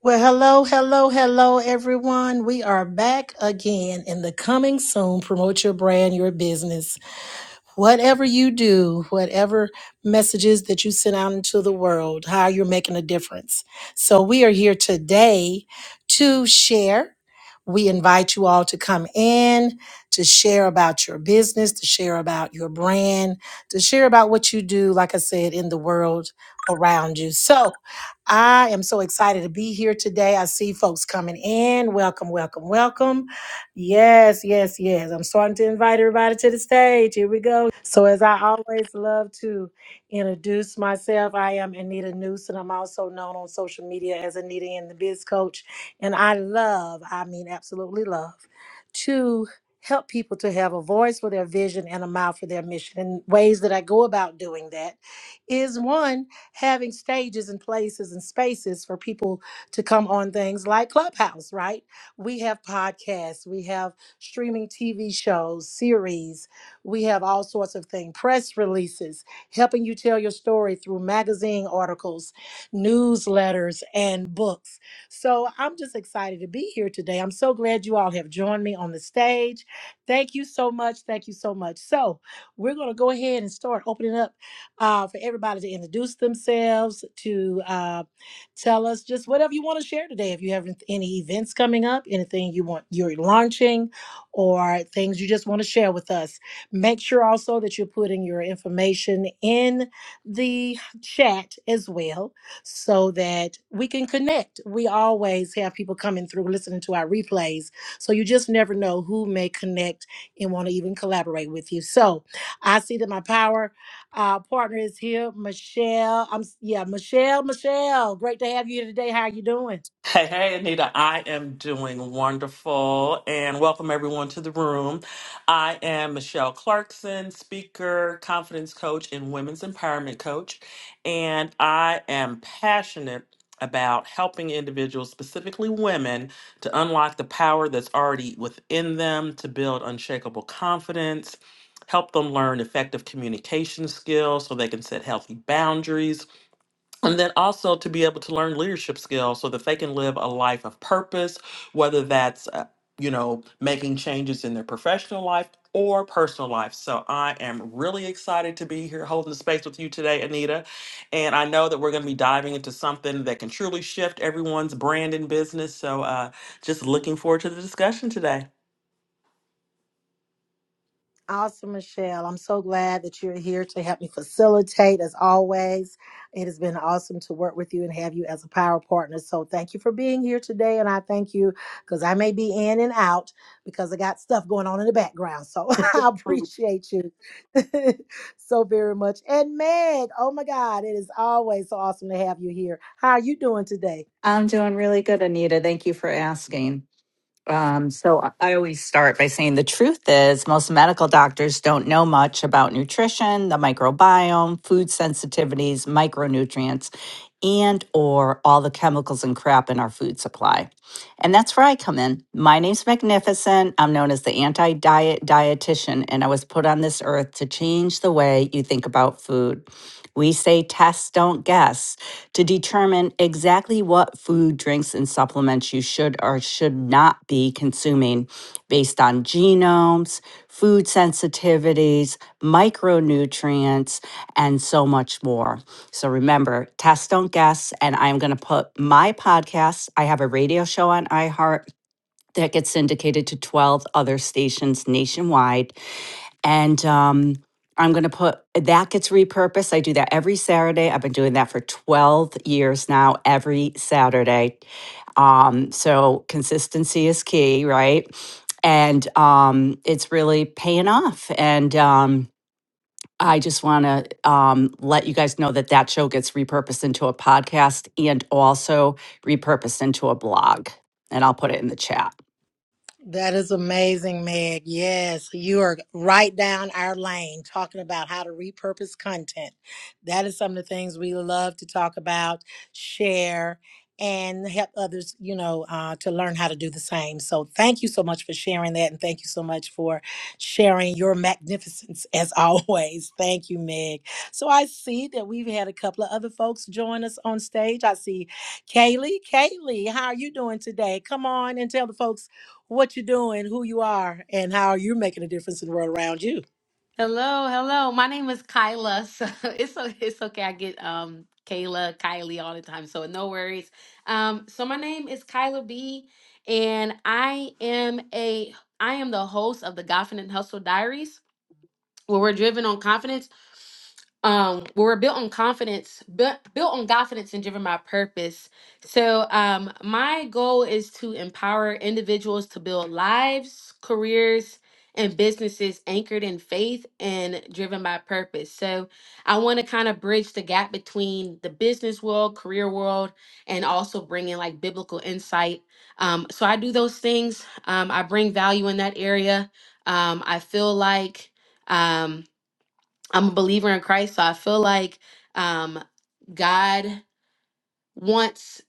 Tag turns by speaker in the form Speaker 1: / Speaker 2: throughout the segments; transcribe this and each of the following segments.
Speaker 1: Well, hello, hello, hello, everyone. We are back again in the coming soon. Promote your brand, your business whatever you do, whatever messages that you send out into the world, how you're making a difference. So we are here today to share. We invite you all to come in to share about your business, to share about your brand, to share about what you do, like I said, in the world around you. So I am so excited to be here today. I see folks coming in. Welcome, welcome, welcome. Yes, yes, yes. I'm starting to invite everybody to the stage. Here we go. So, as I always love to introduce myself, I am Anita Newson. I'm also known on social media as Anita and the Biz Coach. And I love, I mean, absolutely love, to help people to have a voice for their vision and a mouth for their mission. And ways that I go about doing that is one, having stages and places and spaces for people to come on things like Clubhouse, right? We have podcasts, we have streaming TV shows, series, we have all sorts of things, press releases, helping you tell your story through magazine articles, newsletters, and books. So I'm just excited to be here today. I'm so glad you all have joined me on the stage. Thank you so much. Thank you so much. So we're going to go ahead and start opening up uh, for everybody to introduce themselves, to uh, Tell us just whatever you want to share today. If you have any events coming up, anything you want you're launching, or things you just want to share with us, make sure also that you're putting your information in the chat as well, so that we can connect. We always have people coming through listening to our replays, so you just never know who may connect and want to even collaborate with you. So I see that my power. Our partner is here, Michelle. I'm s- yeah, Michelle. Michelle, great to have you here today. How are you doing?
Speaker 2: Hey, hey, Anita, I am doing wonderful and welcome everyone to the room. I am Michelle Clarkson, speaker, confidence coach, and women's empowerment coach. And I am passionate about helping individuals, specifically women, to unlock the power that's already within them to build unshakable confidence, help them learn effective communication skills so they can set healthy boundaries and then also to be able to learn leadership skills so that they can live a life of purpose, whether that's, uh, you know, making changes in their professional life or personal life. So I am really excited to be here holding the space with you today, Anita. And I know that we're going to be diving into something that can truly shift everyone's brand and business. So uh, just looking forward to the discussion today.
Speaker 1: Awesome, Michelle. I'm so glad that you're here to help me facilitate as always. It has been awesome to work with you and have you as a power partner. So thank you for being here today. And I thank you because I may be in and out because I got stuff going on in the background. So I appreciate you so very much. And Meg, oh my God, it is always so awesome to have you here. How are you doing today?
Speaker 3: I'm doing really good, Anita. Thank you for asking. Um, so I I always start by saying the truth is most medical doctors don't know much about nutrition, the microbiome, food sensitivities, micronutrients, and or all the chemicals and crap in our food supply. And that's where I come in. My name's Magnificent. I'm known as the anti-diet dietitian, and I was put on this earth to change the way you think about food. We say tests don't guess to determine exactly what food, drinks, and supplements you should or should not be consuming based on genomes, food sensitivities, micronutrients, and so much more. So remember, test, don't guess. And I'm going to put my podcast, I have a radio show on iHeart that gets syndicated to 12 other stations nationwide and um, I'm going to put that gets repurposed. I do that every Saturday. I've been doing that for 12 years now, every Saturday. Um, so consistency is key, right? And um, it's really paying off. And um, I just want to um, let you guys know that that show gets repurposed into a podcast and also repurposed into a blog. And I'll put it in the chat.
Speaker 1: That is amazing, Meg. Yes, you are right down our lane talking about how to repurpose content. That is some of the things we love to talk about, share, and help others, you know, uh, to learn how to do the same. So thank you so much for sharing that. And thank you so much for sharing your magnificence as always. Thank you, Meg. So I see that we've had a couple of other folks join us on stage. I see Kaylee. Kaylee, how are you doing today? Come on and tell the folks what you're doing, who you are, and how you're making a difference in the world around you.
Speaker 4: Hello, hello. My name is Kyla. So it's o- it's okay. I get um Kayla, Kylie all the time. So no worries. Um, so my name is Kyla B, and I am a I am the host of the Goffin and Hustle Diaries where we're driven on confidence um where we're built on confidence built built on confidence and driven by purpose so um my goal is to empower individuals to build lives careers and businesses anchored in faith and driven by purpose so i want to kind of bridge the gap between the business world career world and also bring in like biblical insight um so i do those things um i bring value in that area um i feel like um, I'm a believer in Christ, so I feel like um, God wants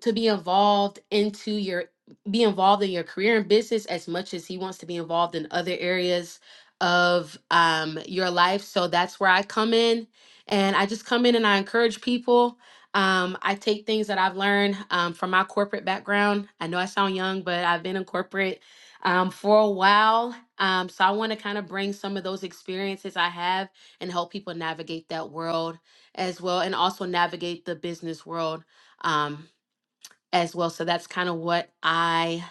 Speaker 4: to be involved into your be involved in your career and business as much as he wants to be involved in other areas of um, your life so that's where i come in and i just come in and i encourage people um, i take things that i've learned um, from my corporate background i know i sound young but i've been in corporate um, for a while um, so i want to kind of bring some of those experiences i have and help people navigate that world as well and also navigate the business world um, as well. So that's kind of what I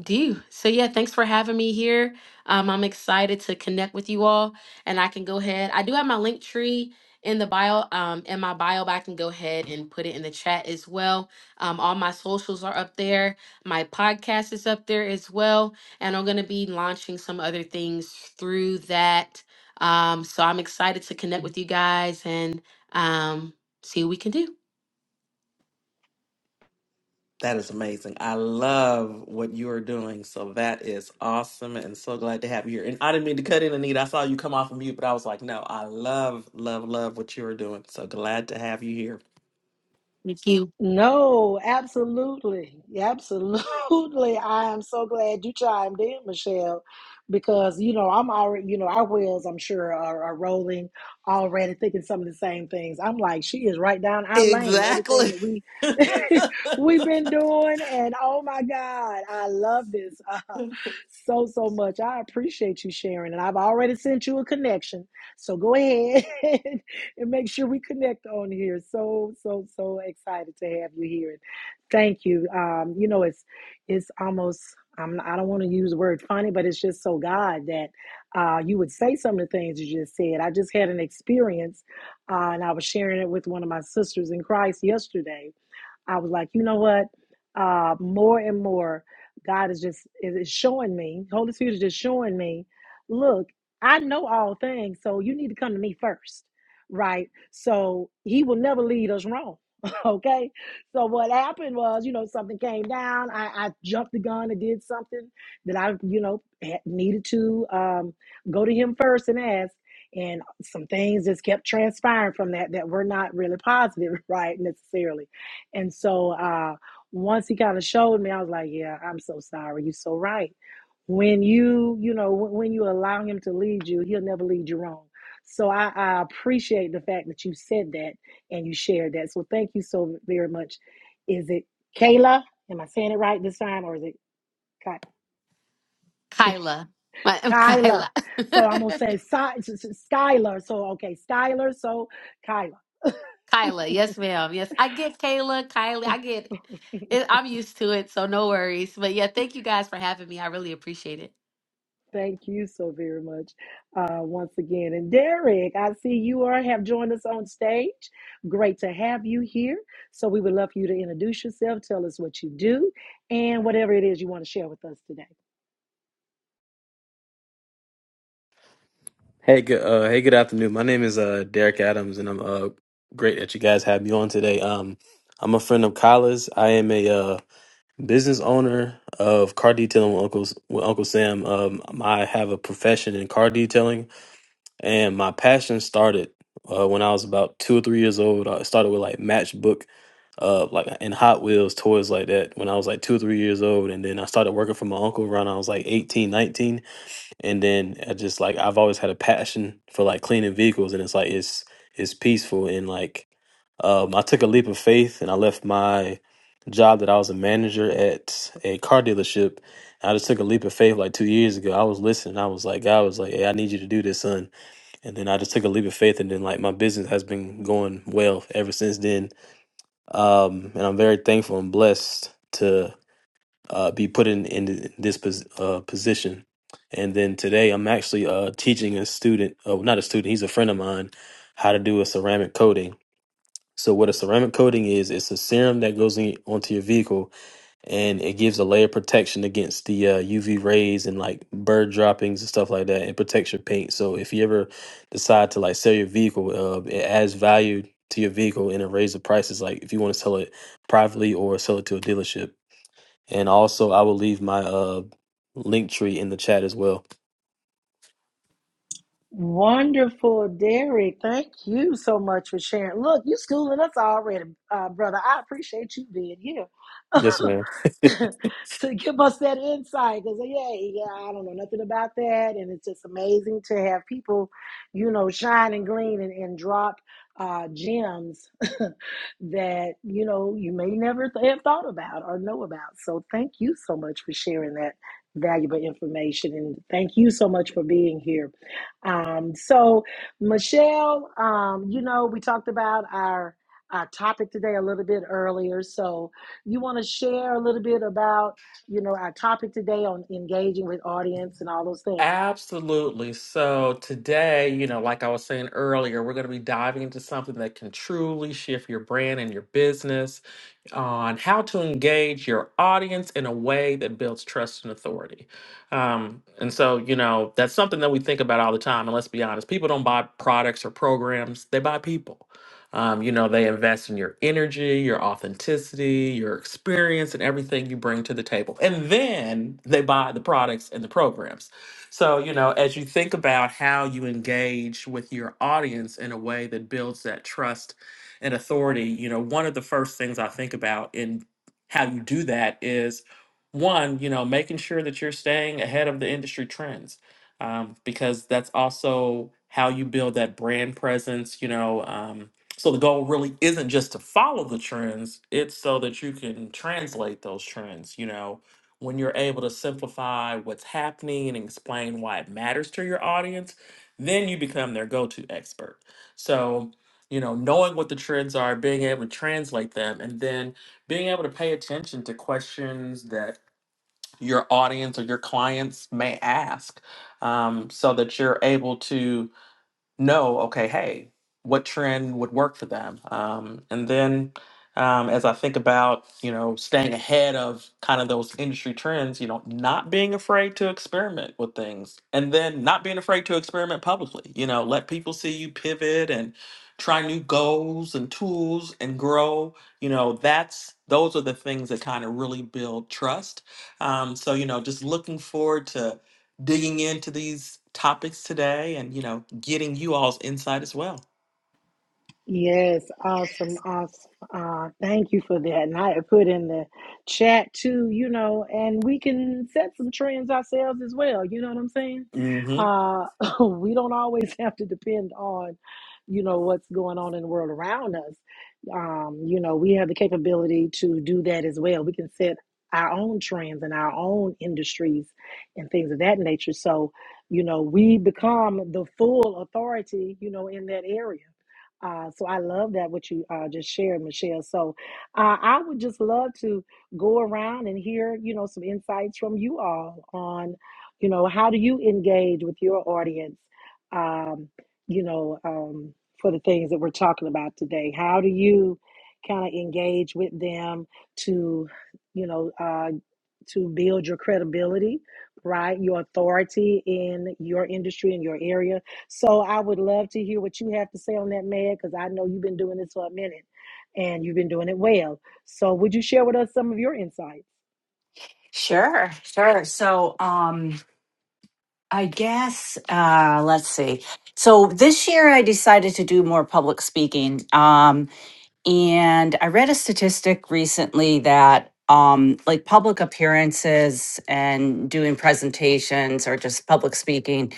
Speaker 4: do. So yeah, thanks for having me here. Um, I'm excited to connect with you all, and I can go ahead. I do have my link tree in the bio, um, in my bio, but I can go ahead and put it in the chat as well. Um, all my socials are up there. My podcast is up there as well, and I'm gonna be launching some other things through that. Um, so I'm excited to connect with you guys and um, see what we can do.
Speaker 2: That is amazing. I love what you are doing. So that is awesome and so glad to have you here. And I didn't mean to cut in, Anita. I saw you come off of mute, but I was like, no, I love, love, love what you are doing. So glad to have you here.
Speaker 4: Thank you.
Speaker 1: No, absolutely. Absolutely. I am so glad you chimed in, Michelle, because, you know, I'm already, you know, our wheels, I'm sure, are, are rolling already, thinking some of the same things. I'm like, she is right down our lane. Everything
Speaker 2: Exactly.
Speaker 1: that we we've been doing, and oh my God, I love this uh, so so much. I appreciate you sharing, and I've already sent you a connection. So go ahead and make sure we connect on here. So, so, so excited to have you here. And thank you. Um, you know, it's it's almost I'm I don't want to use the word funny, but it's just so God that uh, you would say some of the things you just said. I just had an experience, uh, and I was sharing it with one of my sisters in Christ yesterday I was like, you know what? Uh, more and more, God is just is showing me. Holy Spirit is just showing me. Look, I know all things, so you need to come to me first, right? So He will never lead us wrong. Okay, so what happened was, you know, something came down. I, I jumped the gun and did something that I, you know, had- needed to um, go to him first and ask and some things just kept transpiring from that that were not really positive right necessarily and so uh, once he kind of showed me, I was like, yeah, I'm so sorry. You're so right. When you, you know, when when you allow him to lead you, he'll never lead you wrong. So I, I appreciate the fact that you said that and you shared that. So thank you so very much. Is it Kayla? Am I saying it right this time, or is it Ky-
Speaker 4: Kyla. My,
Speaker 1: Kyla?
Speaker 4: Kyla.
Speaker 1: So I'm gonna say Sky, Skylar. So okay, Skylar. So Kyla.
Speaker 4: Kyla. Yes, ma'am. Yes. I get Kayla, Kylie. I get it. I'm used to it, so no worries. But yeah, thank you guys for having me. I really appreciate it.
Speaker 1: Thank you so very much uh, once again. And Derek, I see you are have joined us on stage. Great to have you here. So we would love for you to introduce yourself, tell us what you do, and whatever it is you want to share with us today.
Speaker 5: Hey, good. Uh, hey, good afternoon. My name is uh, Derek Adams, and I'm uh, great that you guys have me on today. Um, I'm a friend of Kyla's. I am a uh, business owner of car detailing with Uncle with Uncle Sam. Um, I have a profession in car detailing, and my passion started uh, when I was about two or three years old. I started with like matchbook, uh, like and Hot Wheels toys like that when I was like two or three years old, and then I started working for my uncle around I was like 18, 19 and then I just like I've always had a passion for like cleaning vehicles, and it's like it's it's peaceful and like um, I took a leap of faith and I left my job that I was a manager at a car dealership. I just took a leap of faith like two years ago. I was listening. I was like, God was like, "Hey, I need you to do this, son." And then I just took a leap of faith, and then like my business has been going well ever since then. Um, and I'm very thankful and blessed to uh, be put in in this pos- uh, position. And then today, I'm actually uh, teaching a student, oh, not a student, he's a friend of mine, how to do a ceramic coating. So what a ceramic coating is, it's a serum that goes in, onto your vehicle, and it gives a layer of protection against the uh, UV rays and like bird droppings and stuff like that. It protects your paint. So if you ever decide to like sell your vehicle, uh, it adds value to your vehicle and it raises the prices. Like if you want to sell it privately or sell it to a dealership. And also, I will leave my uh link tree in the chat as well.
Speaker 1: Wonderful, Derek. Thank you so much for sharing. Look, you schooling us already, uh, brother. I appreciate you being here
Speaker 5: Yes, ma'am.
Speaker 1: to give us that insight. Because yeah, yeah, I don't know nothing about that, and it's just amazing to have people, you know, shine and glean and, and drop uh, gems that you know you may never th- have thought about or know about. So thank you so much for sharing that valuable information, and thank you so much for being here. Um, so, Michelle, um, you know, we talked about our, our topic today a little bit earlier. So, you want to share a little bit about, you know, our topic today on engaging with audience and all those things?
Speaker 2: Absolutely. So today, you know, like I was saying earlier, we're going to be diving into something that can truly shift your brand and your business on how to engage your audience in a way that builds trust and authority. Um, and so, you know, that's something that we think about all the time. And let's be honest, people don't buy products or programs, they buy people. Um, you know, they invest in your energy, your authenticity, your experience, and everything you bring to the table. And then they buy the products and the programs. So, you know, as you think about how you engage with your audience in a way that builds that trust and authority, you know, one of the first things I think about in how you do that is one, you know, making sure that you're staying ahead of the industry trends um, because that's also how you build that brand presence, you know. Um, so the goal really isn't just to follow the trends, it's so that you can translate those trends, you know when you're able to simplify what's happening and explain why it matters to your audience, then you become their go to expert. So, you know, knowing what the trends are, being able to translate them, and then being able to pay attention to questions that your audience or your clients may ask um, so that you're able to know, okay, hey, what trend would work for them? Um, and then um, as I think about, you know, staying ahead of kind of those industry trends, you know, not being afraid to experiment with things and then not being afraid to experiment publicly, you know, let people see you pivot and try new goals and tools and grow, you know, that's, those are the things that kind of really build trust. Um, so, you know, just looking forward to, digging into these topics today and, you know, getting you all's insight as well.
Speaker 1: Yes, awesome, awesome. Uh, thank you for that. And I had put in the chat too, you know, and we can set some trends ourselves as well. You know what I'm saying?
Speaker 2: hmm
Speaker 1: Uh, we don't always have to depend on, you know, what's going on in the world around us. Um, you know, we have the capability to do that as well. We can set our own trends and our own industries and things of that nature. So, you know, we become the full authority, you know, in that area uh, so I love that what you uh, just shared, Michelle. So uh, I would just love to go around and hear, you know, some insights from you all on, you know, how do you engage with your audience, um, you know, um, for the things that we're talking about today. How do you kind of engage with them to, you know, uh, to build your credibility, right? Your authority in your industry, in your area. So I would love to hear what you have to say on that, Meg, because I know you've been doing this for a minute and you've been doing it well. So would you share with us some of your insights?
Speaker 3: Sure, sure. So, um, I guess, uh, let's see. So this year I decided to do more public speaking. Um, and I read a statistic recently that um, like public appearances and doing presentations or just public speaking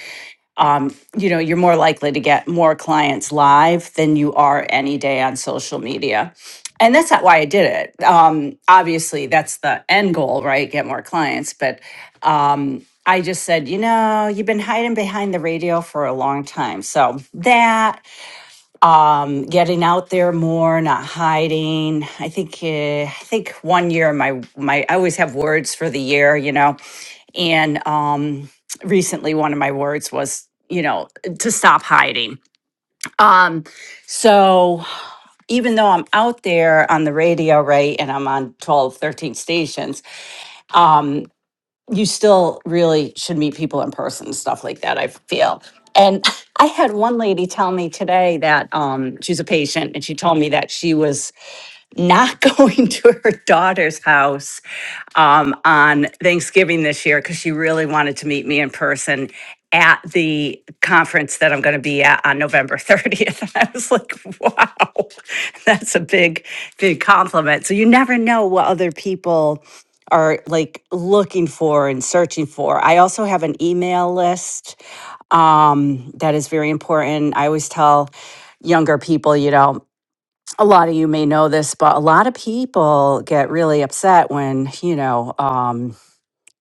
Speaker 3: um, you know, you're more likely to get more clients live than you are any day on social media. And that's not why I did it. Um, obviously, that's the end goal, right? Get more clients. But um, I just said, you know, you've been hiding behind the radio for a long time. So that um, getting out there more, not hiding. I think uh, I think one year my my I always have words for the year, you know, and um, recently one of my words was you know to stop hiding. So even though I'm out there on the radio, right, and I'm on 12, 13 stations, um, you still really should meet people in person and stuff like that. I feel. And I had one lady tell me today that um, she's a patient, and she told me that she was not going to her daughter's house um, on Thanksgiving this year because she really wanted to meet me in person at the conference that I'm going to be at on November 30th. And I was like, wow, that's a big, big compliment. So you never know what other people are like looking for and searching for. I also have an email list um, that is very important. I always tell younger people, you know, a lot of you may know this, but a lot of people get really upset when, you know, um,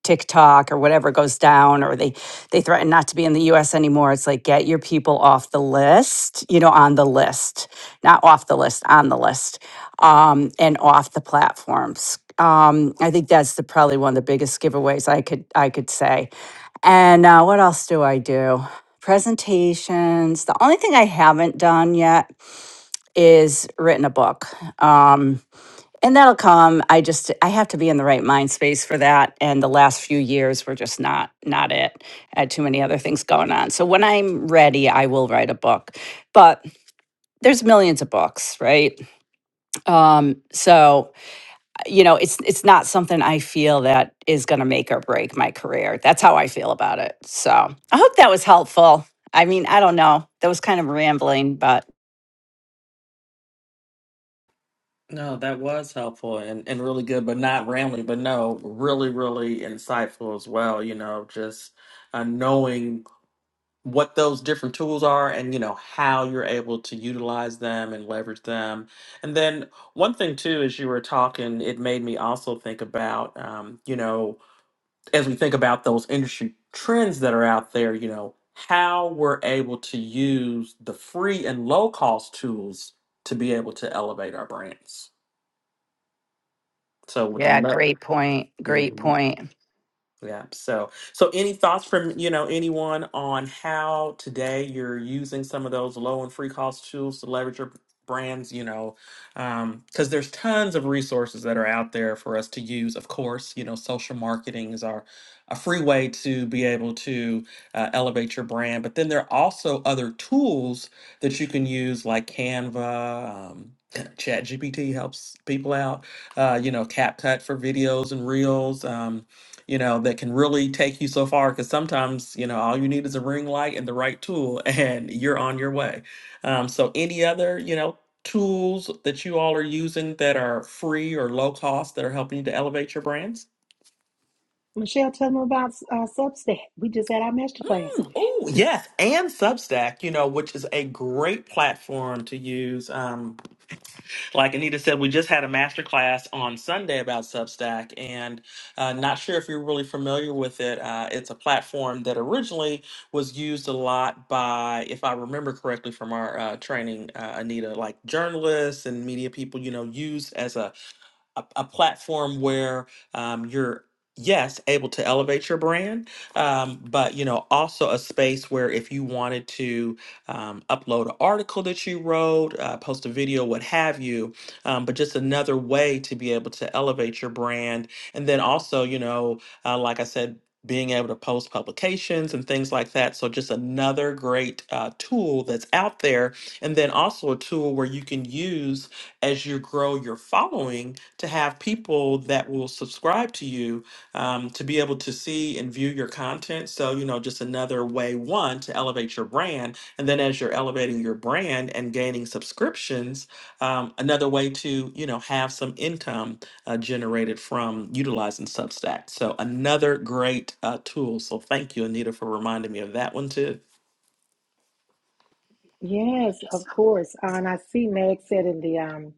Speaker 3: TikTok or whatever goes down or they they threaten not to be in the US anymore. It's like get your people off the list, you know, on the list. Not off the list, on the list. Um, and off the platforms. Um, I think that's the probably one of the biggest giveaways I could I could say. And uh, what else do I do? Presentations. The only thing I haven't done yet is written a book. Um, and that'll come. I just I have to be in the right mind space for that. And the last few years were just not not it. I had too many other things going on. So when I'm ready, I will write a book. But there's millions of books, right? Um, so you know, it's it's not something I feel that is gonna make or break my career. That's how I feel about it. So I hope that was helpful. I mean, I don't know. That was kind of rambling, but
Speaker 2: No, that was helpful and, and really good, but not rambling, but no, really, really insightful as well. You know, just uh, knowing what those different tools are and, you know, how you're able to utilize them and leverage them. And then one thing, too, as you were talking, it made me also think about, um, you know, as we think about those industry trends that are out there, you know, how we're able to use the free and low cost tools to be able to elevate our brands. So would
Speaker 3: yeah,
Speaker 2: love.
Speaker 3: great point. Great point.
Speaker 2: Yeah. So, so any thoughts from, you know, anyone on how today you're using some of those low and free cost tools to leverage your brands, you know, um, cause there's tons of resources that are out there for us to use. Of course, you know, social marketing is our, a free way to be able to uh, elevate your brand, but then there are also other tools that you can use like Canva, um, Chat GPT helps people out, uh, you know, CapCut for videos and reels. Um, you know, that can really take you so far. Because sometimes, you know, all you need is a ring light and the right tool, and you're on your way. Um, so, any other, you know, tools that you all are using that are free or low cost that are helping you to elevate your brands?
Speaker 1: Michelle, tell them about uh, Substack. We just had our master class
Speaker 2: Mm,
Speaker 1: on
Speaker 2: oh,
Speaker 1: that.
Speaker 2: yes. And Substack, you know, which is a great platform to use. Um, Like Anita said, we just had a master class on Sunday about Substack, and uh, not sure if you're really familiar with it. Uh, it's a platform that originally was used a lot by, if I remember correctly from our uh, training, uh, Anita, like journalists and media people, you know, used as a a, a platform where um, you're yes able to elevate your brand um, but you know also a space where if you wanted to um, upload an article that you wrote uh, post a video what have you um, but just another way to be able to elevate your brand and then also you know uh, like i said being able to post publications and things like that so just another great uh, tool that's out there and then also a tool where you can use as you grow your following to have people that will subscribe to you um, to be able to see and view your content. So, you know, just another way, one, to elevate your brand. And then as you're elevating your brand and gaining subscriptions, um, another way to, you know, have some income uh, generated from utilizing Substack. So, another great uh, tool. So, thank you, Anita, for reminding me of that one too.
Speaker 1: Yes, of course. Uh, and I see Meg said in the um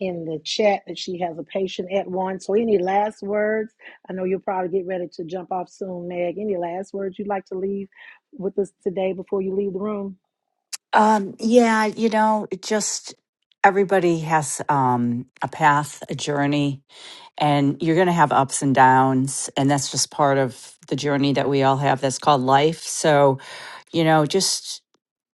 Speaker 1: in the chat that she has a patient at one. So any last words? I know you'll probably get ready to jump off soon, Meg. Any last words you'd like to leave with us today before you leave the room?
Speaker 3: Um, yeah, you know, it just everybody has um, a path, a journey, and you're going to have ups and downs. And that's just part of the journey that we all have that's called life. So, you know, just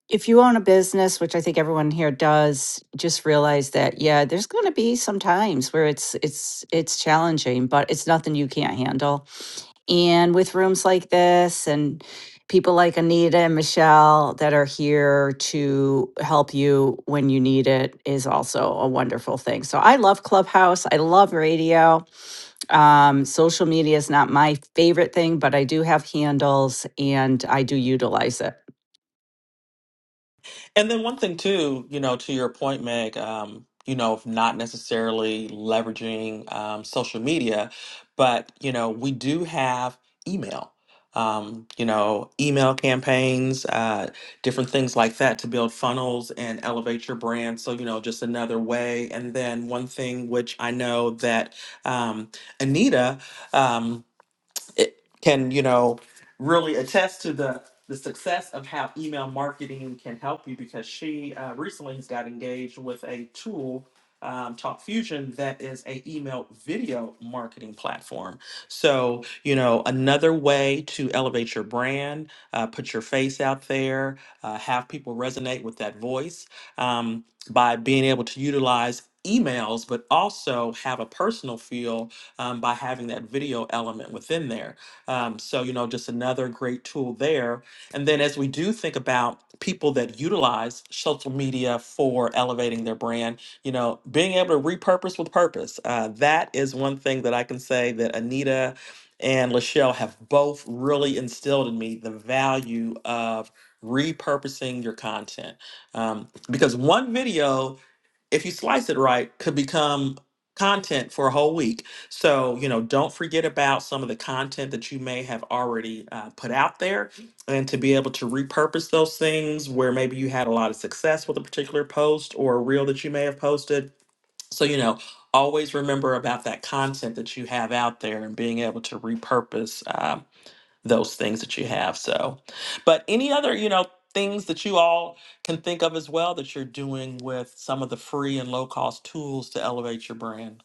Speaker 3: if you own a business, which I think everyone here does, just realize that, yeah, there's going to be some times where it's, it's, it's challenging, but it's nothing you can't handle and with rooms like this and people like Anita and Michelle that are here to help you when you need it is also a wonderful thing. So I love Clubhouse. I love radio. Um, social media is not my favorite thing, but I do have handles and I do utilize it.
Speaker 2: And then one thing too, you know, to your point, Meg, um, you know, of not necessarily leveraging um, social media, but you know, we do have email. Um, you know, email campaigns, uh, different things like that to build funnels and elevate your brand. So, you know, just another way. And then one thing which I know that um, Anita, um, it can you know really attest to the the success of how email marketing can help you because she uh, recently has got engaged with a tool um, talk fusion that is a email video marketing platform so you know another way to elevate your brand uh, put your face out there uh, have people resonate with that voice um, by being able to utilize emails but also have a personal feel um, by having that video element within there. Um, so, you know, just another great tool there. And then as we do think about people that utilize social media for elevating their brand, you know, being able to repurpose with purpose, uh, that is one thing that I can say that Anita and Lachelle have both really instilled in me the value of repurposing your content. Um, because one video if you slice it right, could become content for a whole week. So, you know, don't forget about some of the content that you may have already uh, put out there and to be able to repurpose those things where maybe you had a lot of success with a particular post or a reel that you may have posted. So, you know, always remember about that content that you have out there and being able to repurpose uh, those things that you have. So, but any other, you know, things that you all can think of as well that you're doing with some of the free and low cost tools to elevate your brand?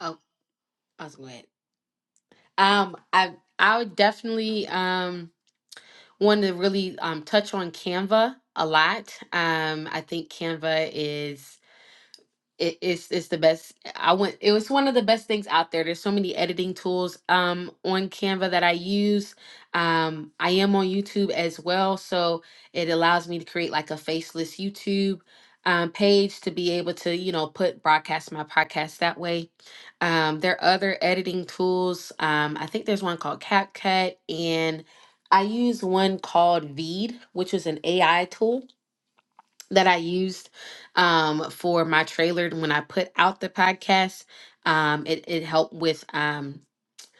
Speaker 4: Oh, I was glad. Um, I I would definitely um want to really um touch on Canva a lot. Um, I think Canva is it, it's it's the best i went it was one of the best things out there there's so many editing tools um on canva that i use um i am on youtube as well so it allows me to create like a faceless youtube um, page to be able to you know put broadcast my podcast that way um there are other editing tools um i think there's one called capcut and i use one called veed which is an ai tool that I used um, for my trailer when I put out the podcast. Um, it, it helped with um,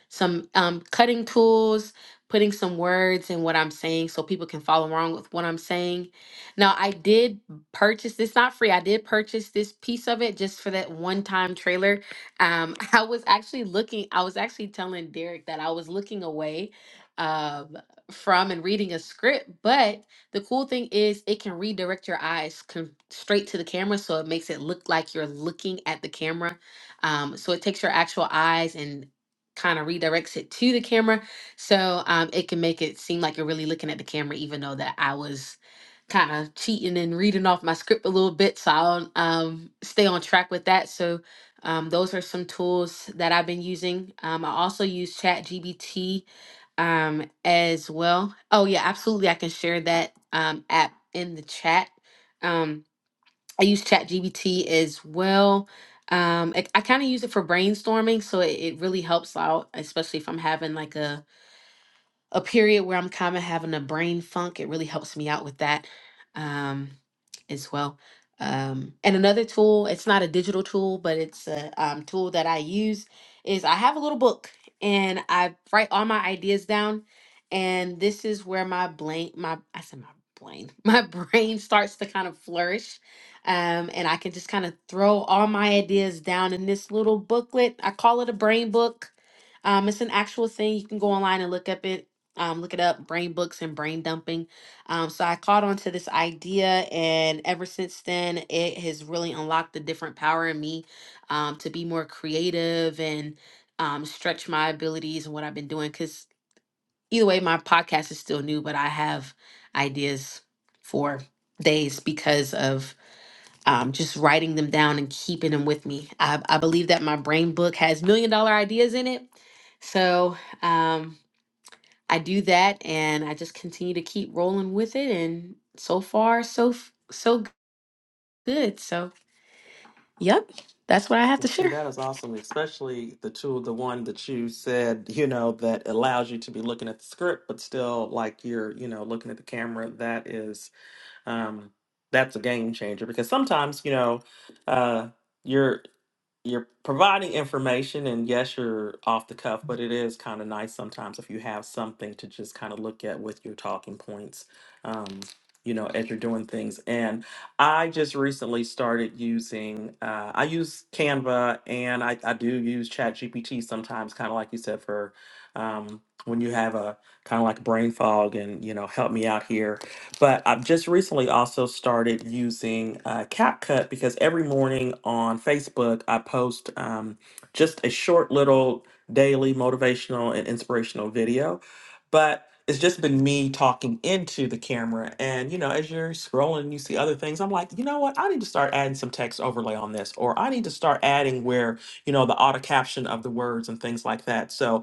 Speaker 4: some um, cutting tools, putting some words in what I'm saying so people can follow along with what I'm saying. Now, I did purchase this, not free, I did purchase this piece of it just for that one time trailer. Um, I was actually looking, I was actually telling Derek that I was looking away um, from and reading a script, but the cool thing is it can redirect your eyes con- straight to the camera so it makes it look like you're looking at the camera um, so it takes your actual eyes and kind of redirects it to the camera so um, it can make it seem like you're really looking at the camera even though that i was kind of cheating and reading off my script a little bit so i'll um, stay on track with that so um, those are some tools that i've been using um, i also use ChatGPT um, as well oh yeah absolutely i can share that um, app in the chat Um, I use ChatGPT as well. Um, I, I kind of use it for brainstorming, so it, it really helps out, especially if I'm having like a a period where I'm kind of having a brain funk. It really helps me out with that um, as well. Um, and another tool, it's not a digital tool, but it's a um, tool that I use, is I have a little book and I write all my ideas down. And this is where my brain, my, I said my brain, my brain starts to kind of flourish. Um, and I can just kind of throw all my ideas down in this little booklet. I call it a brain book. Um, it's an actual thing. You can go online and look up it um, look it up brain books and brain dumping um, so i caught on to this idea and ever since then it has really unlocked a different power in me um, to be more creative and um, stretch my abilities and what i've been doing because either way my podcast is still new but i have ideas for days because of um, just writing them down and keeping them with me I, I believe that my brain book has million dollar ideas in it so um, I do that and I just continue to keep rolling with it and so far so f- so good. So, yep. That's what I have
Speaker 2: Well,
Speaker 4: to
Speaker 2: see,
Speaker 4: share.
Speaker 2: that is awesome, especially the tool, the one that you said, you know, that allows you to be looking at the script, but still like you're, you know, looking at the camera. That is, um, that's a game changer because sometimes, you know, uh, you're you're providing information and yes you're off the cuff but it is kind of nice sometimes if you have something to just kind of look at with your talking points um, you know as you're doing things and i just recently started using uh, i use canva and i, I do use chat gpt sometimes kind of like you said for um, when you have a kind of like brain fog and you know help me out here but I've just recently also started using uh, CapCut because every morning on Facebook, I post um, just a short little daily motivational and inspirational video. But it's just been me talking into the camera. And, you know, as you're scrolling and you see other things, I'm like, you know what? I need to start adding some text overlay on this, or I need to start adding where, you know, the auto caption of the words and things like that. So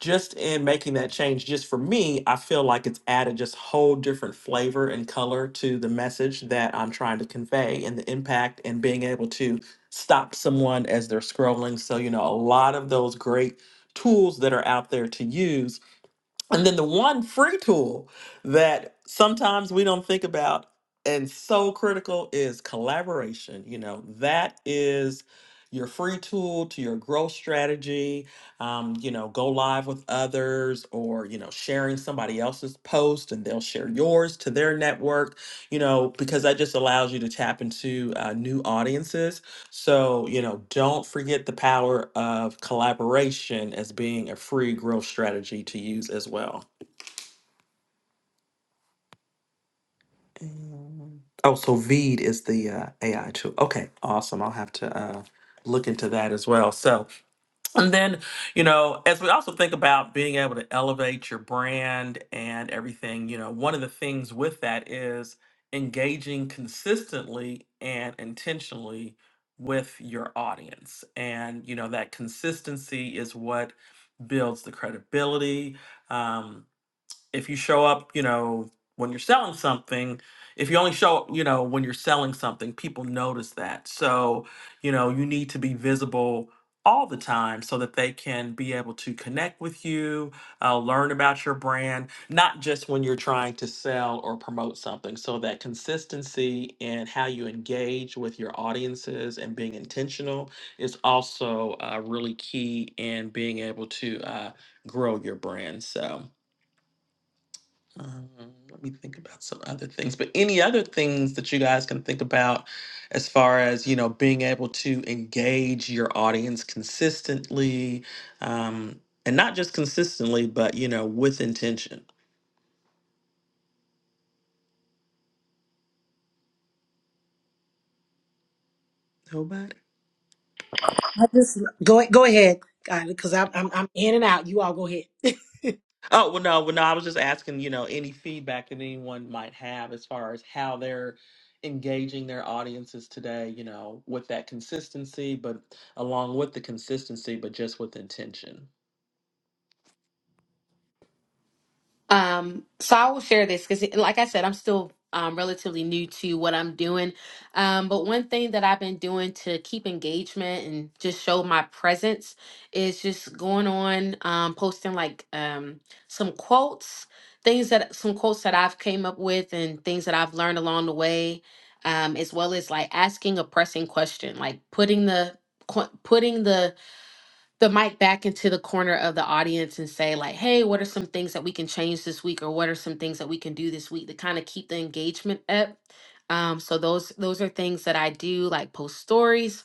Speaker 2: just in making that change, just for me, I feel like it's added just whole different flavor and color to the message that I'm trying to convey and the impact and being able to stop someone as they're scrolling. So, you know, a lot of those great tools that are out there to use and then the one free tool that sometimes we don't think about and so critical is collaboration. You know, that is your free tool to your growth strategy. Um, you know, go live with others or, you know, sharing somebody else's post and they'll share yours to their network, you know, because that just allows you to tap into uh, new audiences so, you know, don't forget the power of collaboration as being a free growth strategy to use as well. Um, Oh, so Veed is the uh, AI tool. Okay, awesome. I'll have to uh, look into that as well. So, And then, you know, as we also think about being able to elevate your brand and everything, you know, one of the things with that is engaging consistently and intentionally with your audience. And, you know, that consistency is what builds the credibility. Um, if you show up, you know, when you're selling something, if you only show up, you know, when you're selling something, people notice that. So, you know, you need to be visible all the time so that they can be able to connect with you, uh, learn about your brand, not just when you're trying to sell or promote something. So, that consistency in how you engage with your audiences and being intentional is also uh, really key in being able to uh, grow your brand. So, um, let me think about some other things. But any other things that you guys can think about as far as, you know, being able to engage your audience consistently, um, and not just consistently, but, you know, with intention. Nobody.
Speaker 1: I just go go ahead, because I'm, I'm I'm in and out. You all go ahead.
Speaker 2: Oh, well, no, well, no, I was just asking, you know, any feedback that anyone might have as far as how they're engaging their audiences today, you know, with that consistency, but along with the consistency, but just with intention.
Speaker 4: Um, so I will share this because, like I said, I'm still um, relatively new to what I'm doing. Um, but one thing that I've been doing to keep engagement and just show my presence is just going on, um, posting like um, some quotes, things that some quotes that I've came up with and things that I've learned along the way, um, as well as like asking a pressing question, like putting the qu- putting the the mic back into the corner of the audience and say like hey what are some things that we can change this week or what are some things that we can do this week to kind of keep the engagement up um, so those those are things that i do like post stories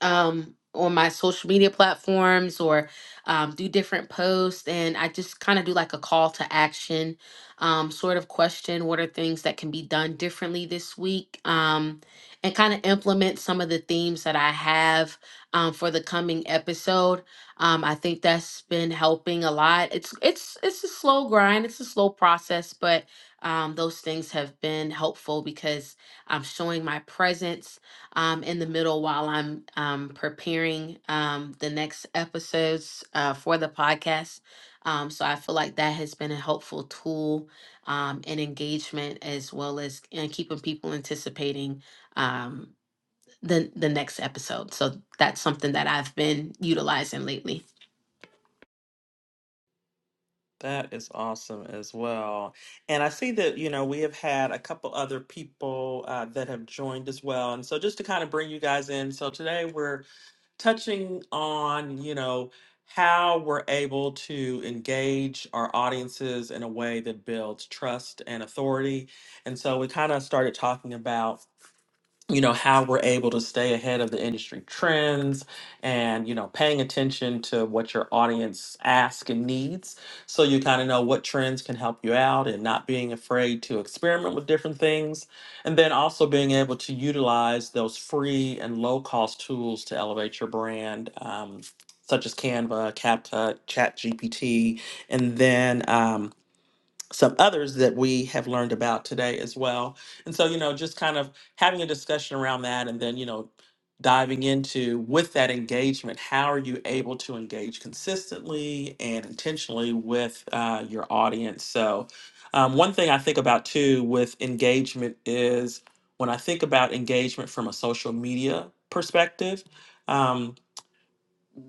Speaker 4: um, on my social media platforms or um, do different posts. And I just kind of do like a call to action um, sort of question what are things that can be done differently this week? Um, and kind of implement some of the themes that I have um, for the coming episode. Um, I think that's been helping a lot. It's it's it's a slow grind. It's a slow process, but um, those things have been helpful because I'm showing my presence um, in the middle while I'm um, preparing um, the next episodes uh, for the podcast. Um, so I feel like that has been a helpful tool um, and engagement as well as and keeping people anticipating um, the, the next episode. So that's something that I've been utilizing lately.
Speaker 2: That is awesome as well. And I see that, you know, we have had a couple other people uh, that have joined as well. And so just to kind of bring you guys in, so today we're touching on, you know, how we're able to engage our audiences in a way that builds trust and authority. And so we kind of started talking about you know how we're able to stay ahead of the industry trends and you know paying attention to what your audience asks and needs so you kind of know what trends can help you out and not being afraid to experiment with different things and then also being able to utilize those free and low cost tools to elevate your brand um, such as canva capcut ChatGPT, and then um, some others that we have learned about today as well. And so, you know, just kind of having a discussion around that and then, you know, diving into with that engagement, how are you able to engage consistently and intentionally with uh, your audience? So, um, one thing I think about too with engagement is when I think about engagement from a social media perspective. um,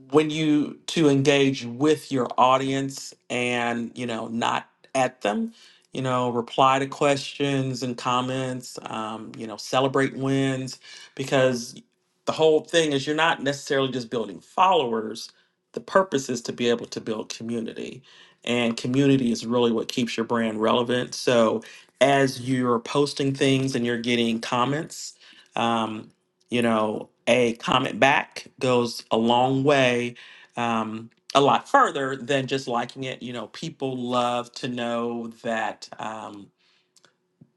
Speaker 2: when you to engage with your audience and you know not at them you know reply to questions and comments um, you know celebrate wins because the whole thing is you're not necessarily just building followers the purpose is to be able to build community and community is really what keeps your brand relevant so as you're posting things and you're getting comments um, you know, a comment back goes a long way, um, a lot further than just liking it. You know, people love to know that um,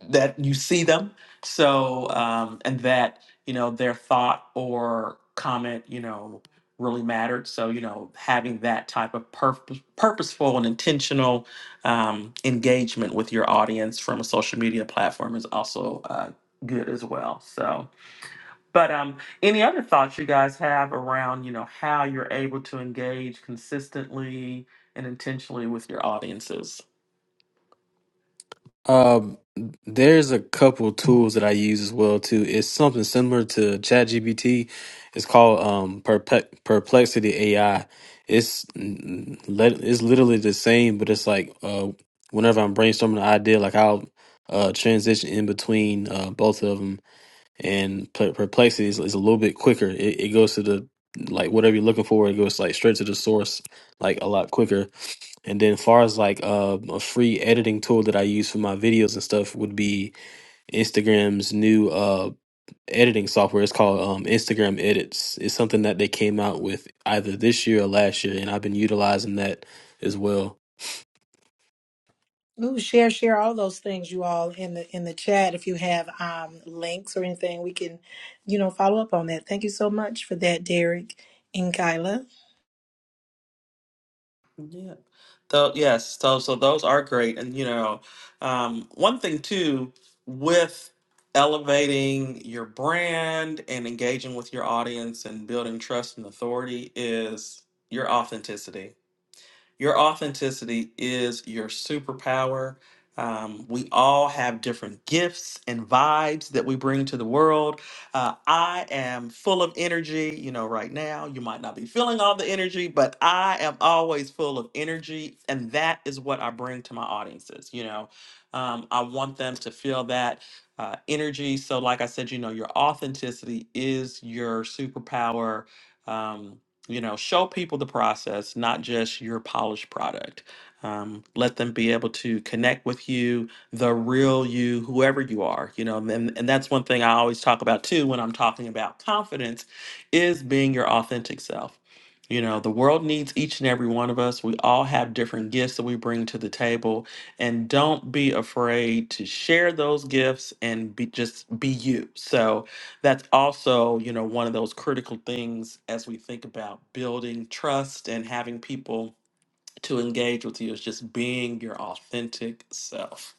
Speaker 2: that you see them, so um, and that you know their thought or comment, you know, really mattered. So you know, having that type of purpose, purposeful and intentional um, engagement with your audience from a social media platform is also uh, good as well. So. But um, any other thoughts you guys have around, you know, how you're able to engage consistently and intentionally with your audiences?
Speaker 5: Um, there's a couple tools that I use as well too. It's something similar to ChatGPT. It's called um Perpe- Perplexity AI. It's mm, let it's literally the same, but it's like uh whenever I'm brainstorming an idea, like I'll uh transition in between uh both of them and per- perplexity is, is a little bit quicker. It, it goes to the like whatever you're looking for. It goes like straight to the source, like a lot quicker. And then far as like uh, a free editing tool that I use for my videos and stuff would be Instagram's new uh editing software. It's called um, Instagram Edits. It's something that they came out with either this year or last year, and I've been utilizing that as well.
Speaker 1: Ooh, share share all those things you all in the in the chat. If you have um links or anything, we can, you know, follow up on that. Thank you so much for that, Derek and Kyla.
Speaker 2: Yeah. Though yes, so so those are great, and you know, um, one thing too with elevating your brand and engaging with your audience and building trust and authority is your authenticity Your authenticity is your superpower. Um, we all have different gifts and vibes that we bring to the world. Uh, I am full of energy. You know, right now, you might not be feeling all the energy, but I am always full of energy. And that is what I bring to my audiences. You know, um, I want them to feel that uh, energy. So, like I said, you know, your authenticity is your superpower. Um, you know show people the process not just your polished product um, let them be able to connect with you the real you whoever you are you know and, and that's one thing i always talk about too when i'm talking about confidence is being your authentic self you know the world needs each and every one of us we all have different gifts that we bring to the table and don't be afraid to share those gifts and be just be you so that's also you know one of those critical things as we think about building trust and having people to engage with you is just being your authentic self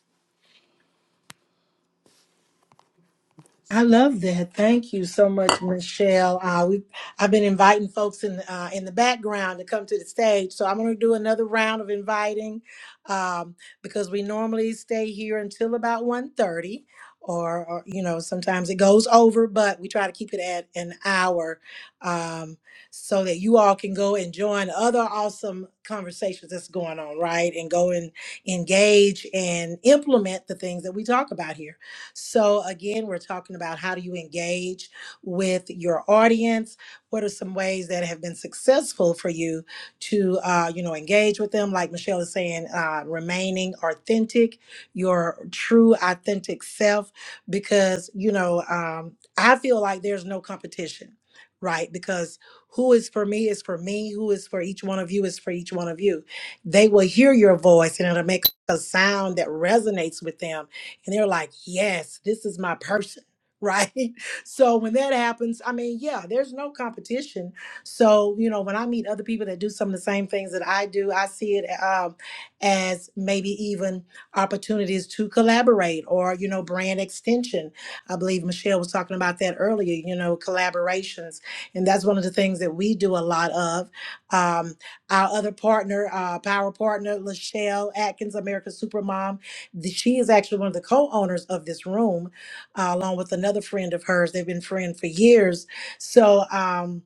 Speaker 1: I love that. Thank you so much, Michelle. Uh, we I've been inviting folks in uh, in the background to come to the stage, so I'm going to do another round of inviting um, because we normally stay here until about 1.30 or, or you know sometimes it goes over, but we try to keep it at an hour um, so that you all can go and join other awesome conversations that's going on, right? And go and engage and implement the things that we talk about here. So, again, we're talking about how do you engage with your audience? What are some ways that have been successful for you to, uh, you know, engage with them? Like Michelle is saying, uh, remaining authentic, your true, authentic self, because, you know, um, I feel like there's no competition, right? Because who is for me is for me, who is for each one of you is for each one of you. They will hear your voice and it'll make a sound that resonates with them and they're like, yes, this is my person. Right. So when that happens, I mean, yeah, there's no competition. So, you know, when I meet other people that do some of the same things that I do, I see it um, as maybe even opportunities to collaborate or, you know, brand extension. I believe Michelle was talking about that earlier, you know, collaborations. And that's one of the things that we do a lot of. Um, our other partner, uh, power partner, Lachelle Atkins, America's Supermom. The, she is actually one of the co-owners of this room, uh, along with another friend of hers. They've been friends for years. So. Um,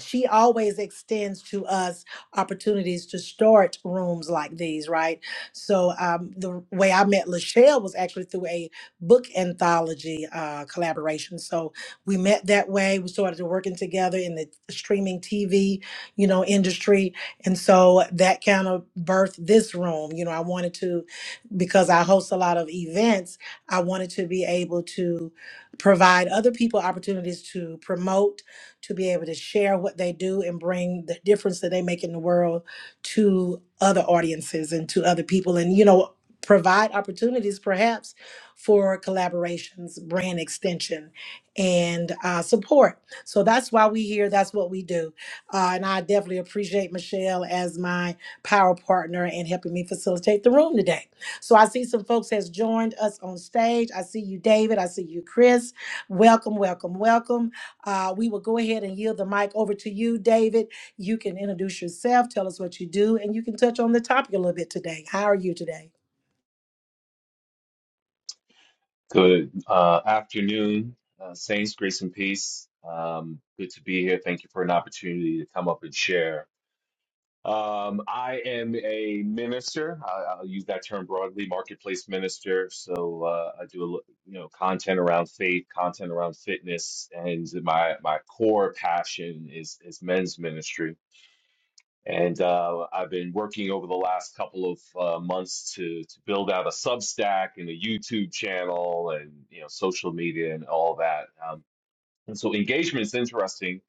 Speaker 1: she always extends to us opportunities to start rooms like these, right? So um, the way I met Lachelle was actually through a book anthology uh, collaboration. So we met that way. We started working together in the streaming TV, you know, industry, and so that kind of birthed this room. You know, I wanted to because I host a lot of events. I wanted to be able to provide other people opportunities to promote to be able to share what they do and bring the difference that they make in the world to other audiences and to other people and you know provide opportunities perhaps for collaborations brand extension and uh, support so that's why we here that's what we do uh, and i definitely appreciate michelle as my power partner and helping me facilitate the room today so i see some folks has joined us on stage i see you david i see you chris welcome welcome welcome uh, we will go ahead and yield the mic over to you, David. You can introduce yourself, tell us what you do, and you can touch on the topic a little bit today. How are you today?
Speaker 6: Good uh, afternoon, uh, Saints, grace and peace. Um, good to be here. Thank you for an opportunity to come up and share. Um, I am a minister. I, I'll use that term broadly, marketplace minister. So uh, I do a, lo- you know content around faith, content around fitness, and my my core passion is is men's ministry. And uh, I've been working over the last couple of uh, months to to build out a Substack and a YouTube channel and you know social media and all that. Um, and so engagement is interesting.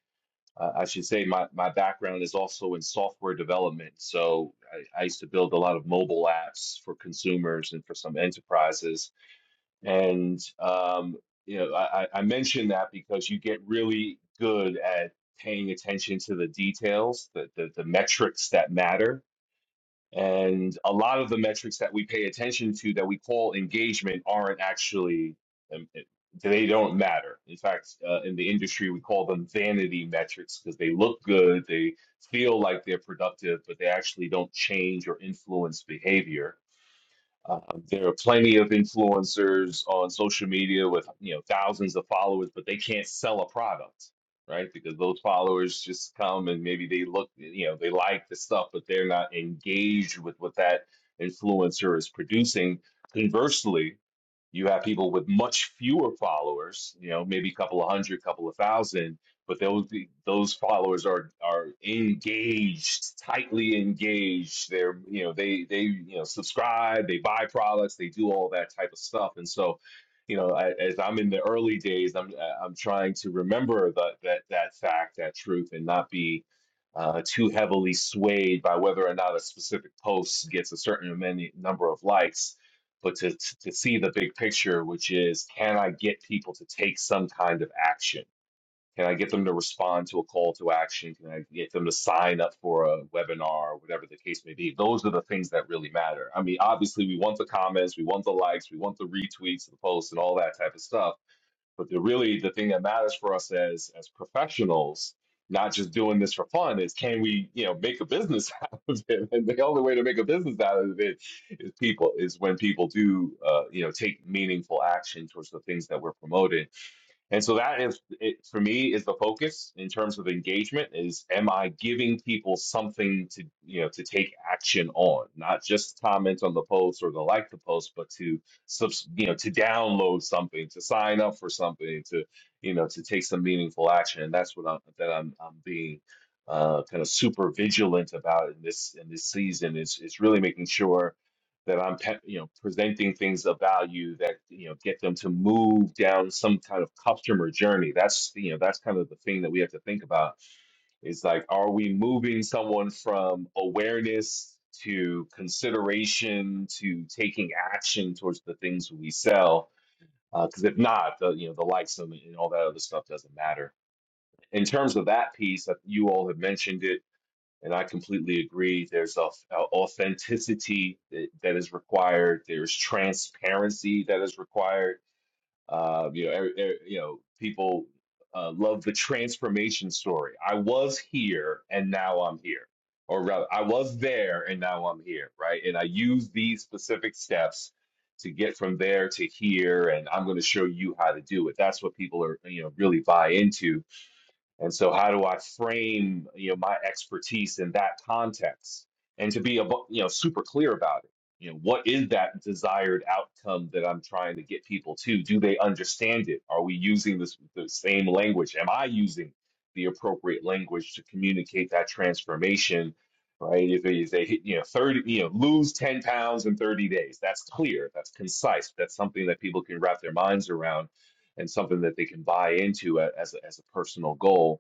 Speaker 6: Uh, I should say my my background is also in software development. So I, I used to build a lot of mobile apps for consumers and for some enterprises. And um, you know I, I I mention that because you get really good at paying attention to the details, the the, the metrics that matter and a lot of the metrics that we pay attention to that we call engagement aren't actually, um, they don't matter. In fact, uh, in the industry, we call them vanity metrics because they look good, they feel like they're productive, but they actually don't change or influence behavior. Uh, there are plenty of influencers on social media with you know thousands of followers, but they can't sell a product, right? Because those followers just come and maybe they look, you know, they like the stuff, but they're not engaged with what that influencer is producing. Conversely, you have people with much fewer followers, you know, maybe a couple of hundred, couple of thousand, but those those followers are are engaged, tightly engaged. They're, you know, they they you know subscribe, they buy products, they do all that type of stuff. And so, you know, I, as I'm in the early days, I'm I'm trying to remember that that that fact, that truth, and not be uh, too heavily swayed by whether or not a specific post gets a certain many number of likes but to, to see the big picture, which is can I get people to take some kind of action? Can I get them to respond to a call to action? Can I get them to sign up for a webinar or whatever the case may be? Those are the things that really matter. I mean, obviously, we want the comments, we want the likes, we want the retweets, the posts, and all that type of stuff but the really the thing that matters for us as as professionals, not just doing this for fun, is can we, you know, make a business out of it? And the only way to make a business out of it is people is when people do, uh, you know, take meaningful action towards the things that we're promoting and so that is it, for me is the focus in terms of engagement is am I giving people something to you know to take action on, not just comment on the post or to like the post, but to subs, you know to download something, to sign up for something, to you know to take some meaningful action. And that's what I'm that I'm I'm being uh, kind of super vigilant about in this in this season is is really making sure that I'm, pe- you know, presenting things of value that you know get them to move down some kind of customer journey. That's you know that's kind of the thing that we have to think about. Is like, are we moving someone from awareness to consideration to taking action towards the things we sell? Because if not, the you know the likes and, and all that other stuff doesn't matter. In terms of that piece, uh, you all have mentioned it and I completely agree. There's a, a authenticity that, that is required. There's transparency that is required. Uh, you know, er, er- you know, people uh, love the transformation story. I was here and now I'm here, or rather, I was there and now I'm here, right? And I use these specific steps to get from there to here, and I'm going to show you how to do it. That's what people are, you know, really buy into and so, how do I frame you know my expertise in that context, and to be abo- you know super clear about it? You know, what is that desired outcome that I'm trying to get people to? Do they understand it? Are we using this the same language? Am I using the appropriate language to communicate that transformation? Right? If they, if they hit, you know, 30, you know, lose 10 pounds in 30 days, that's clear, that's concise, that's something that people can wrap their minds around and something that they can buy into a- as a, as a personal goal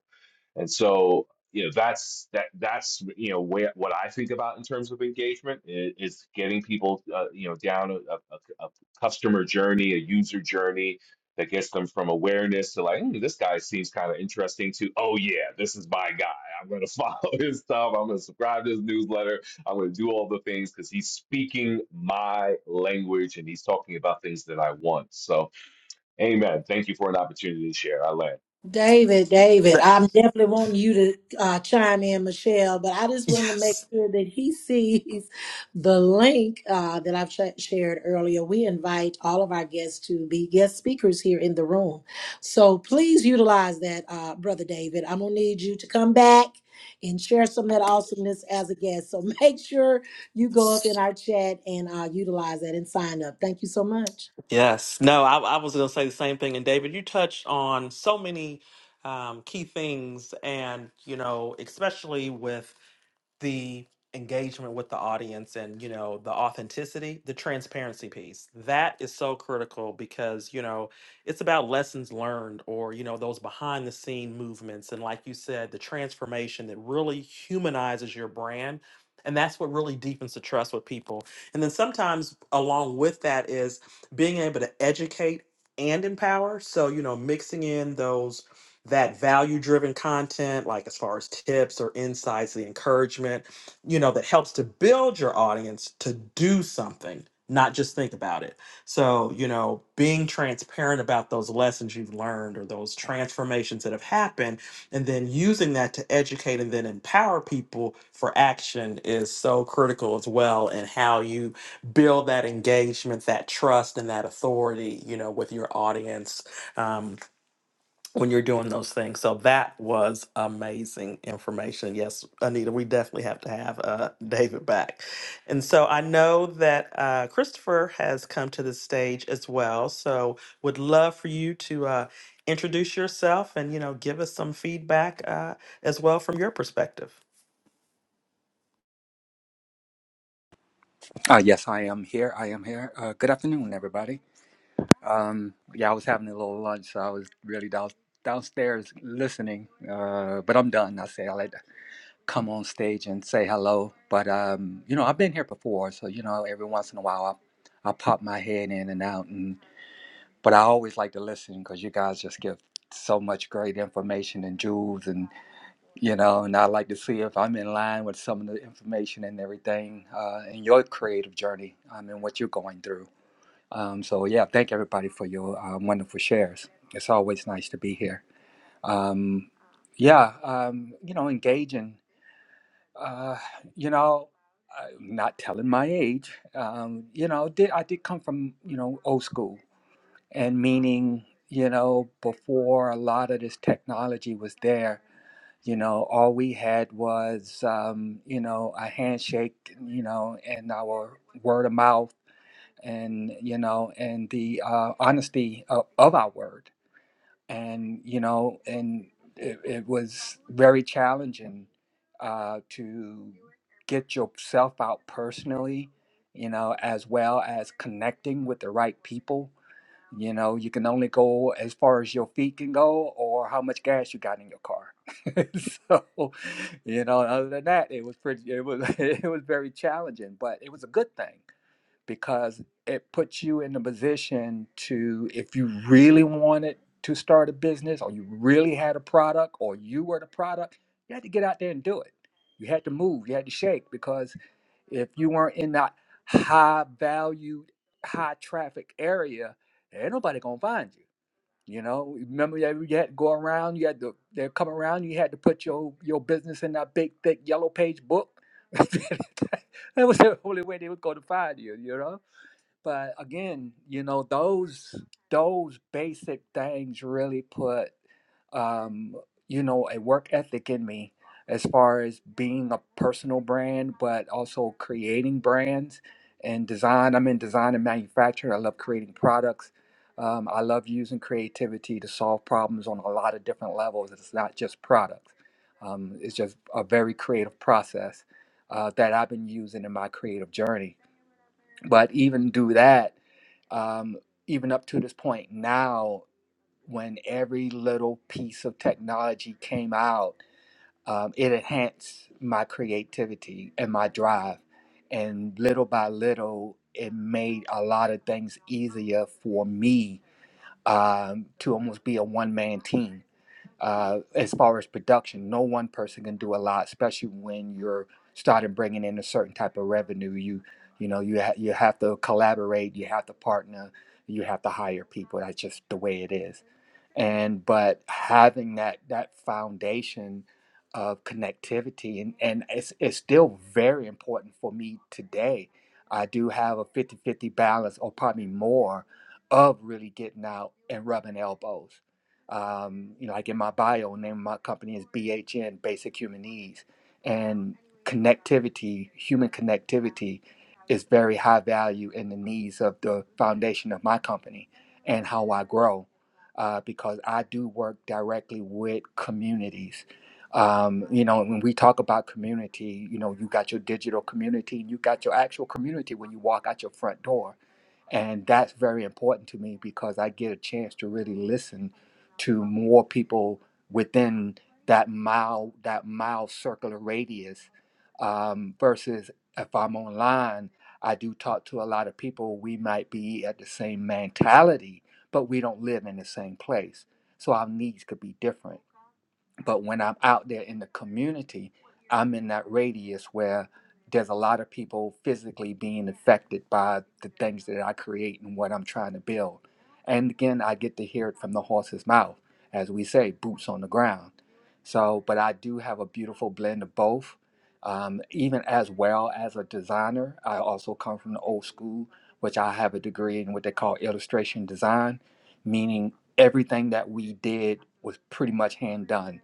Speaker 6: and so, you know, that's that that's you know where what I think about in terms of engagement is, is getting people uh, you know down a, a, a a customer journey, a user journey that gets them from awareness to like, "Hmm, this guy seems kind of interesting to, oh yeah, this is my guy. I'm gonna follow his stuff. I'm gonna subscribe to his newsletter. I'm gonna do all the things because he's speaking my language and he's talking about things that I want. So, amen. Thank you for an opportunity to share. I land.
Speaker 1: David, David,
Speaker 2: Th-
Speaker 1: I'm definitely wanting you to uh, chime in, Michelle, but I just want to make
Speaker 2: yes
Speaker 1: sure that he sees the link uh, that I've sh- shared earlier. We invite all of our guests to be guest speakers here in the room. So please utilize that, uh, Brother David. I'm going to need you to come back and share some of that awesomeness as a guest. So make sure you go up in our chat and uh, utilize that and sign up. Thank you so much.
Speaker 2: yes no i, I was going to say the same thing and david you touched on so many um, key things and you know especially with the engagement with the audience and you know the authenticity the transparency piece that is so critical because you know it's about lessons learned or you know those behind the scene movements and like you said the transformation that really humanizes your brand and that's what really deepens the trust with people and then sometimes along with that is being able to educate and empower so you know mixing in those that value driven content, like as far as tips or insights, the encouragement, you know, that helps to build your audience to do something, not just think about it. So, you know, being transparent about those lessons you've learned or those transformations that have happened, and then using that to educate and then empower people for action is so critical as well. And how you build that engagement, that trust, and that authority, you know, with your audience um, when you're doing those things. So that was amazing information. Yes, Anita, we definitely have to have uh, David back. And so I know that uh, Christopher has come to the stage as well. So would love for you to uh, introduce yourself and you know give us some feedback uh, as well from your perspective.
Speaker 7: Uh, yes, I am here. I am here. Uh, good afternoon, everybody. Um, yeah, I was having a little lunch, so I was really down, downstairs listening. Uh, but I'm done. I say I'll let- come on stage and say hello. But um, you know, I've been here before, so you know, every once in a while, I, I pop my head in and out. And but I always like to listen because you guys just give so much great information and jewels and you know and i like to see if i'm in line with some of the information and everything uh, in your creative journey um, and what you're going through um, so yeah, thank everybody for your um, wonderful shares. It's always nice to be here. Um, yeah, um, you know, engaging. Uh, you know, i not telling my age. Um, you know, did, I did come from you know old school, and meaning you know before a lot of this technology was there. You know, all we had was um, you know a handshake. You know, and our word of mouth and you know and the uh, honesty of, of our word and you know and it, it was very challenging uh, to get yourself out personally you know as well as connecting with the right people you know you can only go as far as your feet can go or how much gas you got in your car so you know other than that it was pretty it was it was very challenging but it was a good thing because it puts you in the position to, if you really wanted to start a business or you really had a product or you were the product, you had to get out there and do it. You had to move, you had to shake because if you weren't in that high valued, high traffic area, ain't nobody gonna find you. You know, remember that you had to go around, you had to they come around, you had to put your your business in that big thick yellow page book. that was the only way they was gonna find you, you know? But again, you know, those those basic things really put um, you know, a work ethic in me as far as being a personal brand, but also creating brands and design. I'm in design and manufacturing. I love creating products. Um, I love using creativity to solve problems on a lot of different levels. It's not just products. Um, it's just a very creative process uh, that I've been using in my creative journey but even do that um, even up to this point now when every little piece of technology came out um, it enhanced my creativity and my drive and little by little it made a lot of things easier for me um, to almost be a one-man team uh, as far as production. No one person can do a lot, especially when you're starting bringing in a certain type of revenue. You you know you ha- you have to collaborate, you have to partner, you have to hire people. That's just the way it is and but having that that foundation of connectivity and and it's, it's still very important for me today i do have a fifty-fifty balance or probably more of really getting out and rubbing elbows um, you know like in my bio name of my company is bhn basic human needs and connectivity human connectivity is very high value in the needs of the foundation of my company and how i grow uh, because I do work directly with communities. Um, you know, when we talk about community, you know, you got your digital community and you got your actual community when you walk out your front door and that's very important to me because I get a chance to really listen to more people within that mile that mile circular radius um, versus if I'm online, I do talk to a lot of people. We might be at the same mentality, but we don't live in the same place. So our needs could be different. But when I'm out there in the community, I'm in that radius where there's a lot of people physically being affected by the things that I create and what I'm trying to build. And again, I get to hear it from the horse's mouth, as we say, boots on the ground. So, but I do have a beautiful blend of both. Um, even as well as a designer, I also come from the old school, which I have a degree in what they call illustration design, meaning everything that we did was pretty much hand done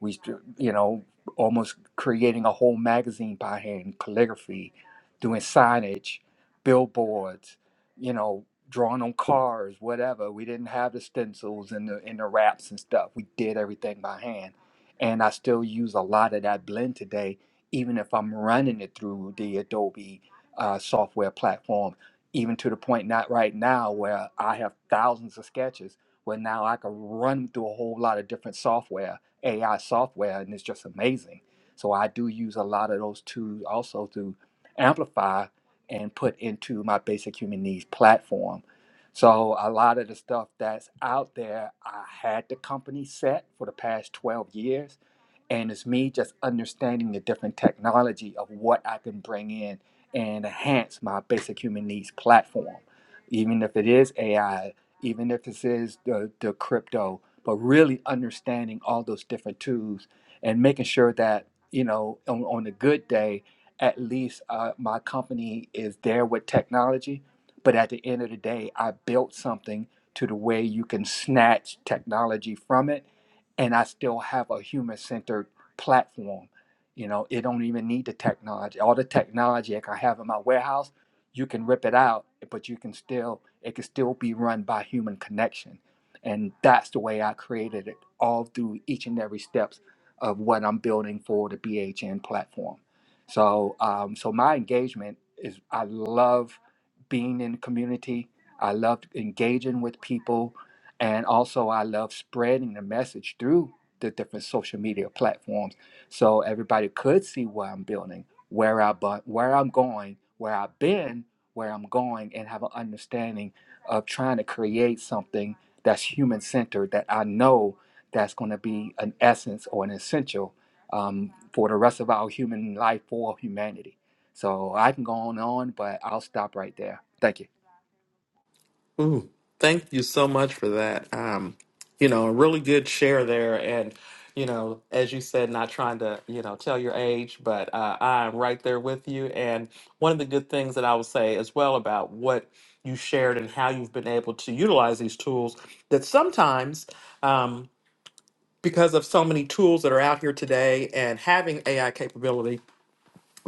Speaker 7: we, you know, almost creating a whole magazine by hand, calligraphy, doing signage, billboards, you know, drawing on cars, whatever. We didn't have the stencils and the and the wraps and stuff. We did everything by hand, and I still use a lot of that blend today, even if I'm running it through the Adobe uh, software platform. Even to the point, not right now, where I have thousands of sketches where now I can run through a whole lot of different software AI software, and it's just amazing. So I do use a lot of those tools also to amplify and put into my basic human needs platform. So a lot of the stuff that's out there, I had the company set for the past 12 years and it's me just understanding the different technology of what I can bring in and enhance my basic human needs platform, even if it is AI, even if this is the, the crypto, but really understanding all those different tools and making sure that, you know, on, on a good day, at least uh, my company is there with technology. But at the end of the day, I built something to the way you can snatch technology from it and I still have a human centered platform. You know, it don't even need the technology. All the technology like I have in my warehouse, you can rip it out, but you can still it can still be run by human connection. And that's the way I created it all through each and every steps of what I'm building for the BHN platform. So um, so my engagement is I love being in the community. I love engaging with people and also I love spreading the message through the different social media platforms, so everybody could see what I'm building, where I bu- where I'm going, where I've been, where I'm going, and have an understanding of trying to create something that's human centered that I know that's going to be an essence or an essential um, for the rest of our human life for humanity. So I can go on and on, but I'll stop right there. Thank you.
Speaker 2: Ooh, thank you so much for that. Um, you know, a really good share there. And, you know, as you said, not trying to, you know, tell your age, but uh, I'm right there with you. And one of the good things that I would say as well about what you shared and how you've been able to utilize these tools that sometimes, um, because of so many tools that are out here today and having AI capability,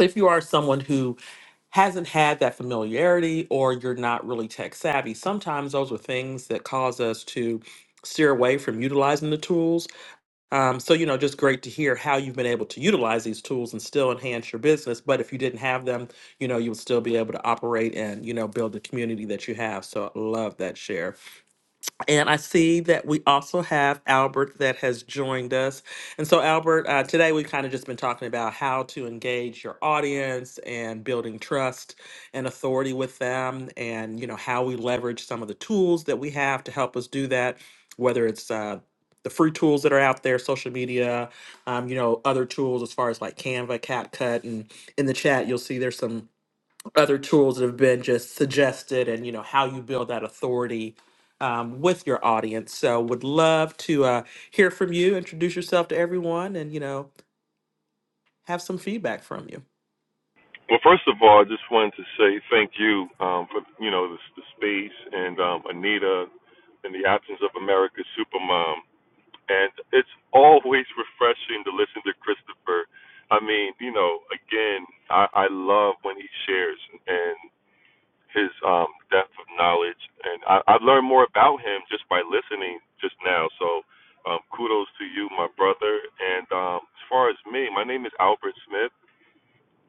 Speaker 2: if you are someone who hasn't had that familiarity or you're not really tech savvy, sometimes those are things that cause us to steer away from utilizing the tools. Um, so, you know, just great to hear how you've been able to utilize these tools and still enhance your business. But if you didn't have them, you know, you would still be able to operate and, you know, build the community that you have. So, I love that share. And I see that we also have Albert that has joined us. And so, Albert, uh, today we've kind of just been talking about how to engage your audience and building trust and authority with them, and you know how we leverage some of the tools that we have to help us do that. Whether it's uh, the free tools that are out there, social media, um, you know, other tools as far as like Canva, CapCut, and in the chat you'll see there's some other tools that have been just suggested and you know how you build that authority um, with your audience so would love to uh, hear from you introduce yourself to everyone and you know have some feedback from you
Speaker 8: Well, first of all, I just wanted to say thank you um, for you know the, the space and um, Anita and the absence of America's Supermom. And it's always refreshing to listen to Christopher. I mean, you know, again, I, I love when he shares and his um, depth of knowledge. And I, I've learned more about him just by listening just now. So um, kudos to you, my brother. And um, as far as me, my name is Albert Smith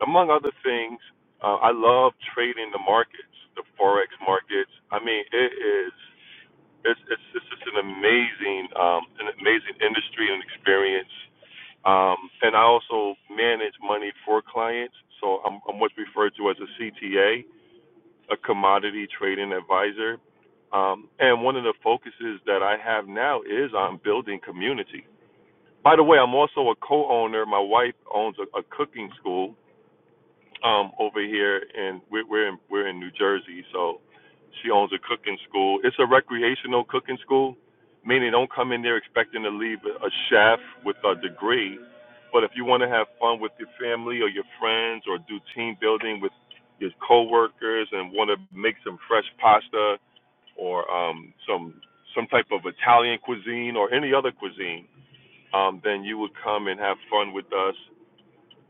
Speaker 8: among other things, uh, I love trading the markets, the forex markets. I mean, it is it's it's, it's just an amazing um, an amazing industry and experience. Um, and I also manage money for clients, so I'm, I'm what's referred to as a CTA, a a commodity trading advisor. Um, and one of the focuses that I have now is on building community. By the way, I'm also a co-owner. My wife owns a, a cooking school, um, over here, and we're, we're in we're in New Jersey. So she owns a cooking school. It's a recreational cooking school, meaning don't come in there expecting to leave a chef with a degree. But if you want to have fun with your family or your friends, or do team building with your coworkers, and want to make some fresh pasta or um, some some type of Italian cuisine or any other cuisine, um, then you would come and have fun with us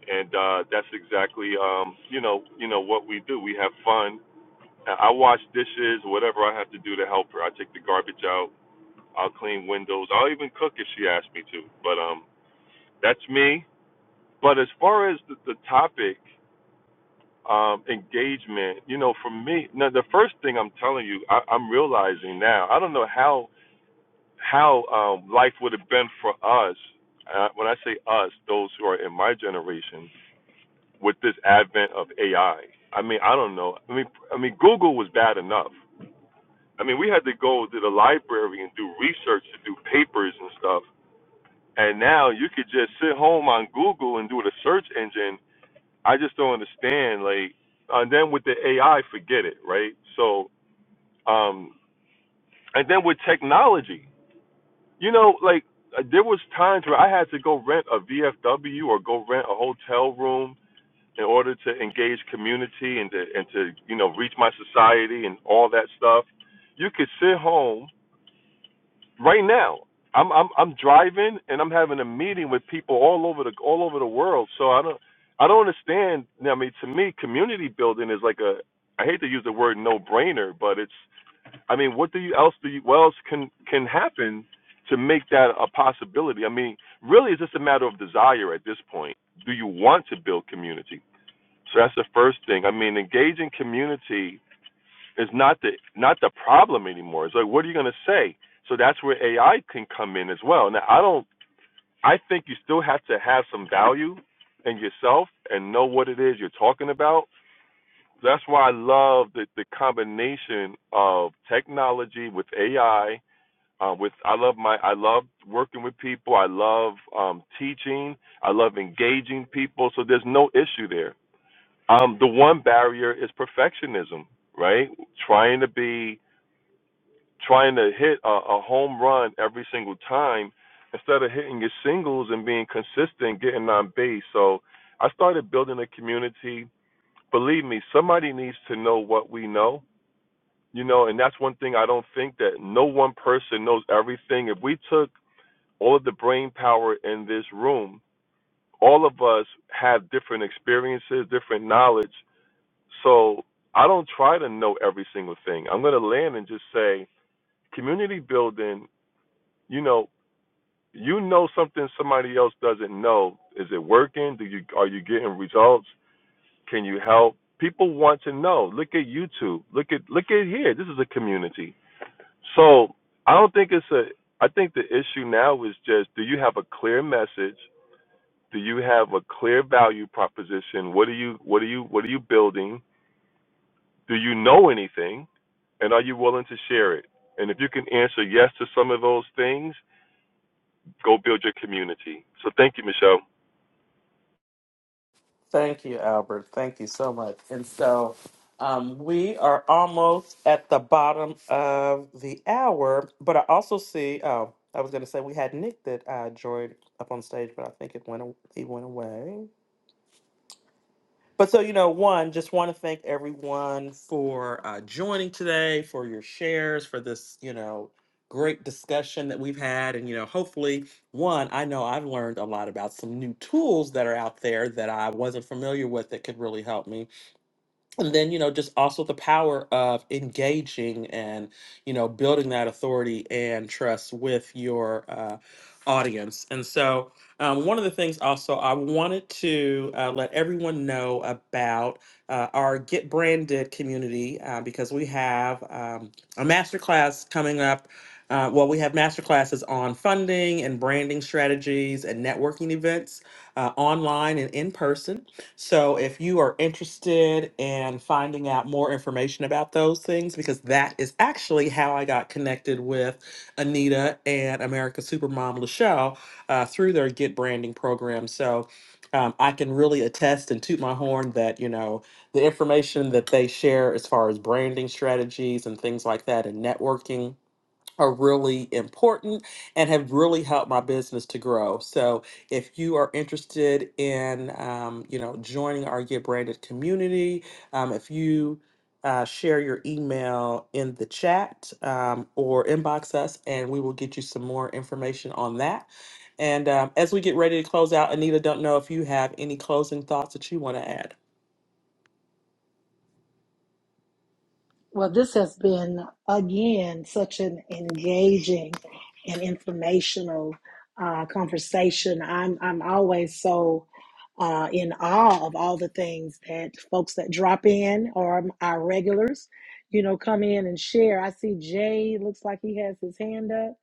Speaker 8: and uh, that's exactly um, you know you know what we do. We have fun. I I wash dishes, whatever I have to do to help her. I take the garbage out. I'll clean windows. I'll even cook if she asks me to. But um, that's me. But as far as the, the topic um, engagement, you know, for me, now the first thing I'm telling you, I, I'm realizing now. I don't know how how um, life would have been for us. Uh, when I say us, those who are in my generation with this advent of AI. I I mean, I don't know. I mean, I mean, Google was bad enough. I mean, we had to go to the library and do research to do papers and stuff. And now you could just sit home on Google and do the search engine. I just don't understand. Like, and then with the AI, forget it, right? So, um, and then with technology, you know, like uh, there was times where I had to go rent a VFW or go rent a hotel room in order to engage community and to and to you know reach my society and all that stuff, you could sit home right now. I'm I'm I'm driving and I'm having a meeting with people all over the all over the world. So I don't I don't understand. I mean, to me, community building is like a I hate to use the word no brainer, but it's I mean, what do you else do you what else can can happen to make that a possibility? I mean, really, it's just a matter of desire at this point. Do you want to build community? So that's the first thing. I mean, engaging community is not the not the problem anymore. It's like, what are you going to say? So that's where AI can come in as well. Now, I don't. I think you still have to have some value in yourself and know what it is you're talking about. That's why I love the, the combination of technology with AI. Uh, with I love my I love working with people. I love um, teaching. I love engaging people. So there's no issue there um, the one barrier is perfectionism, right? Trying to be, trying to hit a, a home run every single time instead of hitting your singles and being consistent, getting on base. So I started building a community. Believe me, somebody needs to know what we know, you know, and that's one thing I don't think that no one person knows everything. If we took all of the brain power in this room, all of us have different experiences, different knowledge So I don't try to know every single thing. I'm going to land and just say community building, you know, you know something somebody else doesn't know. Is it working? Do you are you getting results? Can you help? People want to know. Look at YouTube. Look at look at here. This is a community. So I don't think it's a I think the issue now is just do you have a clear message? Do you have a clear value proposition? What are you what are you what are you building? Do you know anything? And are you willing to share it? And if you can answer yes to some of those things, go build your community. So thank you, Michelle.
Speaker 2: Thank you, Albert. Thank you so much. And so um, we are almost at the bottom of the hour, but I also see. Oh, I was going to say we had Nick that uh, joined up on stage, but I think it went. a- He went away. But so, you know, one, just want to thank everyone for uh, joining today, for your shares, for this, you know, great discussion that we've had. And, you know, hopefully, one, I know I've learned a lot about some new tools that are out there that I wasn't familiar with that could really help me and then you know just also the power of engaging and you know building that authority and trust with your uh, audience and so um, one of the things also i wanted to uh, let everyone know about uh, our get branded community uh, because we have um, a masterclass coming up uh, well we have masterclasses on funding and branding strategies and networking events uh, online and in person so if you are interested in finding out more information about those things, because that is actually how I got connected with Anita and America Supermom Lachelle uh, through their Get Branding program. So um, I can really attest and toot my horn that, you know, the information that they share as far as branding strategies and things like that and networking are really important and have really helped my business to grow. So if you are interested in, um, you know, joining our Get Branded community, um, if you uh, share your email in the chat um, or inbox us, and we will get you some more information on that. And um, as we get ready to close out, Anita, don't know if you have any closing thoughts that you want to add.
Speaker 1: Well, this has been, again, such an engaging and informational uh, conversation. I'm, I'm always so uh, in awe of all the things that folks that drop in or our regulars, you know, come in and share. I see Jay looks like he has his hand up.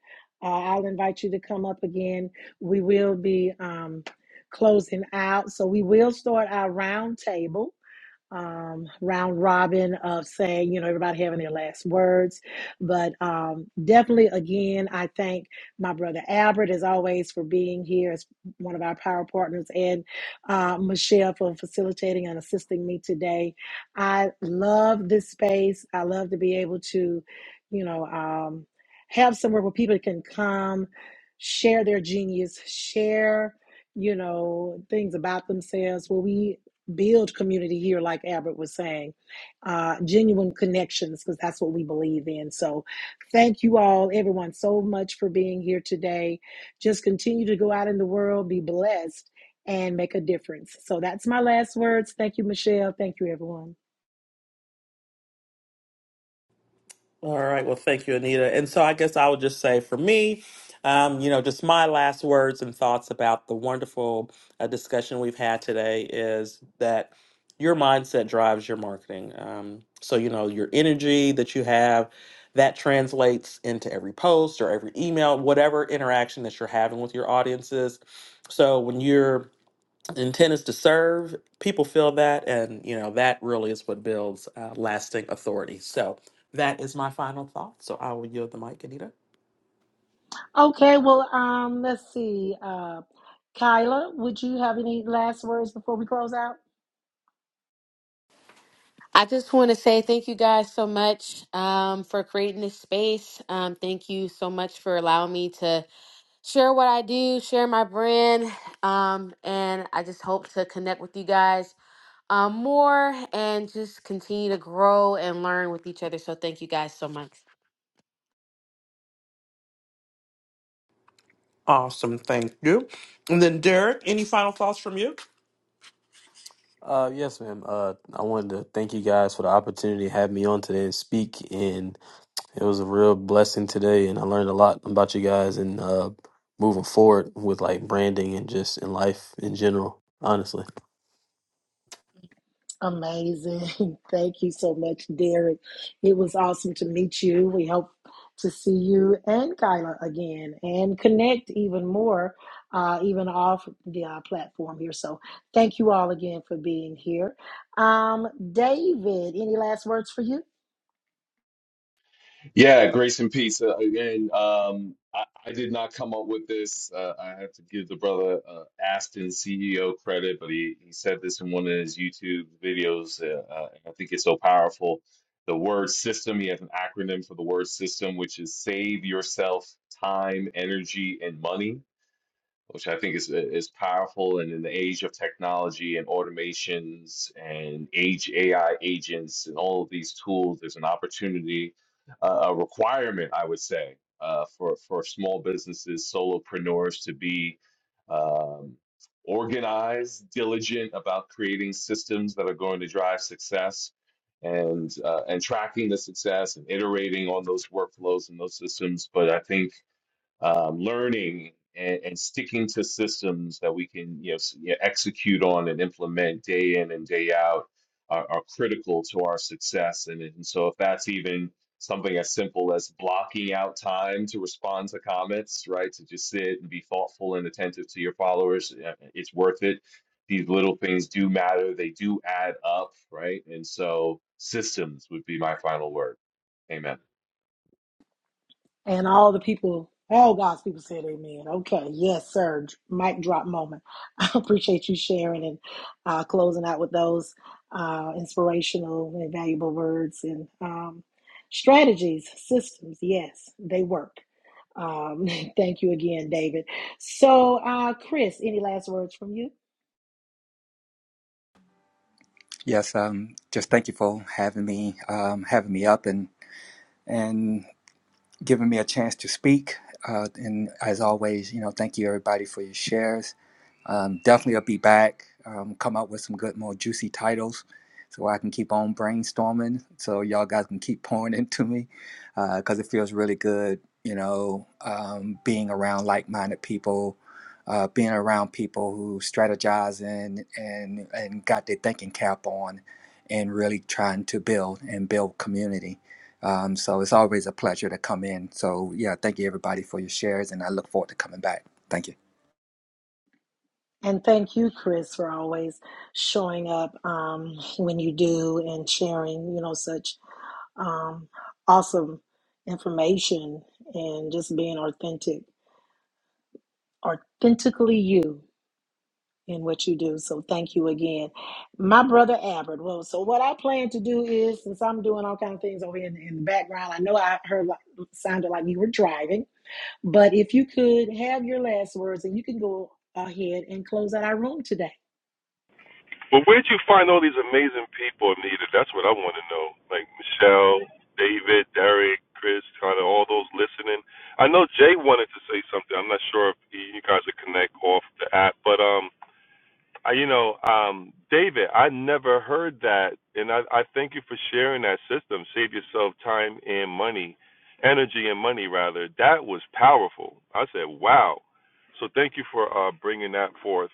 Speaker 1: Uh, I'll invite you to come up again. We will be um, closing out. So we will start our roundtable um, round robin of saying, you know, everybody having their last words. But um, definitely, again, I thank my brother Albert, as always, for being here as one of our power partners and uh, Michelle for facilitating and assisting me today. I love this space. I love to be able to, you know, um, have somewhere where people can come, share their genius, share. You know, things about themselves where we build community here, like Albert was saying, uh, genuine connections, because that's what we believe in. So, thank you all, everyone, so much for being here today. Just continue to go out in the world, be blessed, and make a difference. So, that's my last words. Thank you, Michelle. Thank you, everyone.
Speaker 2: All right. Well, thank you, Anita. And so I guess I would just say for me, um, you know, just my last words and thoughts about the wonderful uh, discussion we've had today is that your mindset drives your marketing. Um, so, you know, your energy that you have, that translates into every post or every email, whatever interaction that you're having with your audiences. So when you're intent is to serve people feel that and you know that really is what builds uh, lasting authority so that is my final thought so i will yield the mic anita
Speaker 1: Okay, well, um, let's see. Uh, Kyla, would you have any last words before we close out?
Speaker 4: I just want to say thank you guys so much um, for creating this space. Um, thank you so much for allowing me to share what I do, share my brand, um, and I just hope to connect with you guys um, more and just continue to grow and learn with each other. So thank you guys so much.
Speaker 2: Awesome, thank you. And then Derek, any final thoughts from you?
Speaker 5: Uh, yes, ma'am. Uh, I wanted to thank you guys for the opportunity to have me on today and speak. And It was a real blessing today, and I learned a lot about you guys and uh, moving forward with like branding and just in life in general, honestly.
Speaker 1: Amazing. Thank you so much, Derek. It was awesome to meet you. We hope to see you and Kyla again and connect even more, uh, even off the uh, platform here. So thank you all again for being here. Um, David, any last words for you?
Speaker 6: Yeah, grace and peace. Uh, again, um, I, I did not come up with this. Uh, I have to give the brother uh, Aston CEO credit, but he, he said this in one of his YouTube videos. Uh, uh, and I think it's so powerful. The word system, he has an acronym for the word system, which is save yourself time, energy, and money which I think is is powerful. And in the age of technology and automations and age AI agents and all of these tools, there's an opportunity, uh, a requirement, I would say, uh, for for small businesses, solopreneurs to be um, organized, diligent about creating systems that are going to drive success. And uh, and tracking the success and iterating on those workflows and those systems, but I think um, learning and, and sticking to systems that we can you know, s- you know, execute on and implement day in and day out are, are critical to our success. And, and so if that's even something as simple as blocking out time to respond to comments, right? To just sit and be thoughtful and attentive to your followers, uh, it's worth it. These little things do matter. They do add up, right? And so systems would be my final word. Amen.
Speaker 1: And all the people, all God's people said amen. Okay, yes, sir. Mic drop moment. I appreciate you sharing and uh, closing out with those uh, inspirational and valuable words and um, strategies, systems. Yes, they work. Um, thank you again, David. So, uh, Chris, any last words from you?
Speaker 7: Yes, um, just thank you for having me, um, having me up and and giving me a chance to speak. Uh, and as always, you know, thank you everybody for your shares. Um, definitely, I'll be back. Um, come up with some good, more juicy titles, so I can keep on brainstorming. So y'all guys can keep pouring into me, because it feels really good. You know, um, being around like-minded people, uh, being around people who strategizing and and and got their thinking cap on, and really trying to build and build community um, so it's always a pleasure to come in. So yeah, thank you everybody for your shares, and I look forward to coming back. Thank you.
Speaker 1: And thank you, Chris, for always showing up um, when you do and sharing, you know, such um, awesome information and just being authentic, authentically you in what you do. So thank you again, my brother Albert. Well, so what I plan to do is, since I'm doing all kinds of things over here in, in the background, I know I heard like, sounded like you were driving, but if you could have your last words and you can go ahead and close out our room today.
Speaker 8: But where'd you find all these amazing people, Nita? That's what I want to know. Like Michelle, David, Derek, Chris, kind of all those listening. I know Jay wanted to say something. I'm not sure if you guys are connect off the app, but um, I, you know, um, David, I never heard that, and I, I thank you for sharing that system. Save yourself time and money, energy and money rather. That was powerful. I said, wow. So thank you for uh, bringing that forth.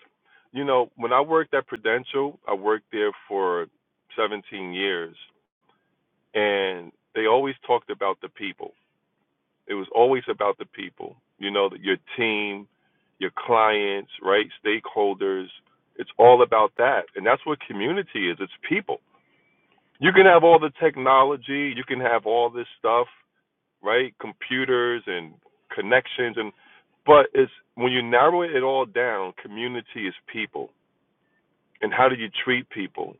Speaker 8: You know, when I worked at Prudential, I worked there for 17 years, and they always talked about the people. It was always about the people, you know, your team, your clients, right? Stakeholders. It's all about that. And that's what community is it's people. You can have all the technology, you can have all this stuff, right? Computers and connections and but it's when you narrow it all down, community is people. And how do you treat people,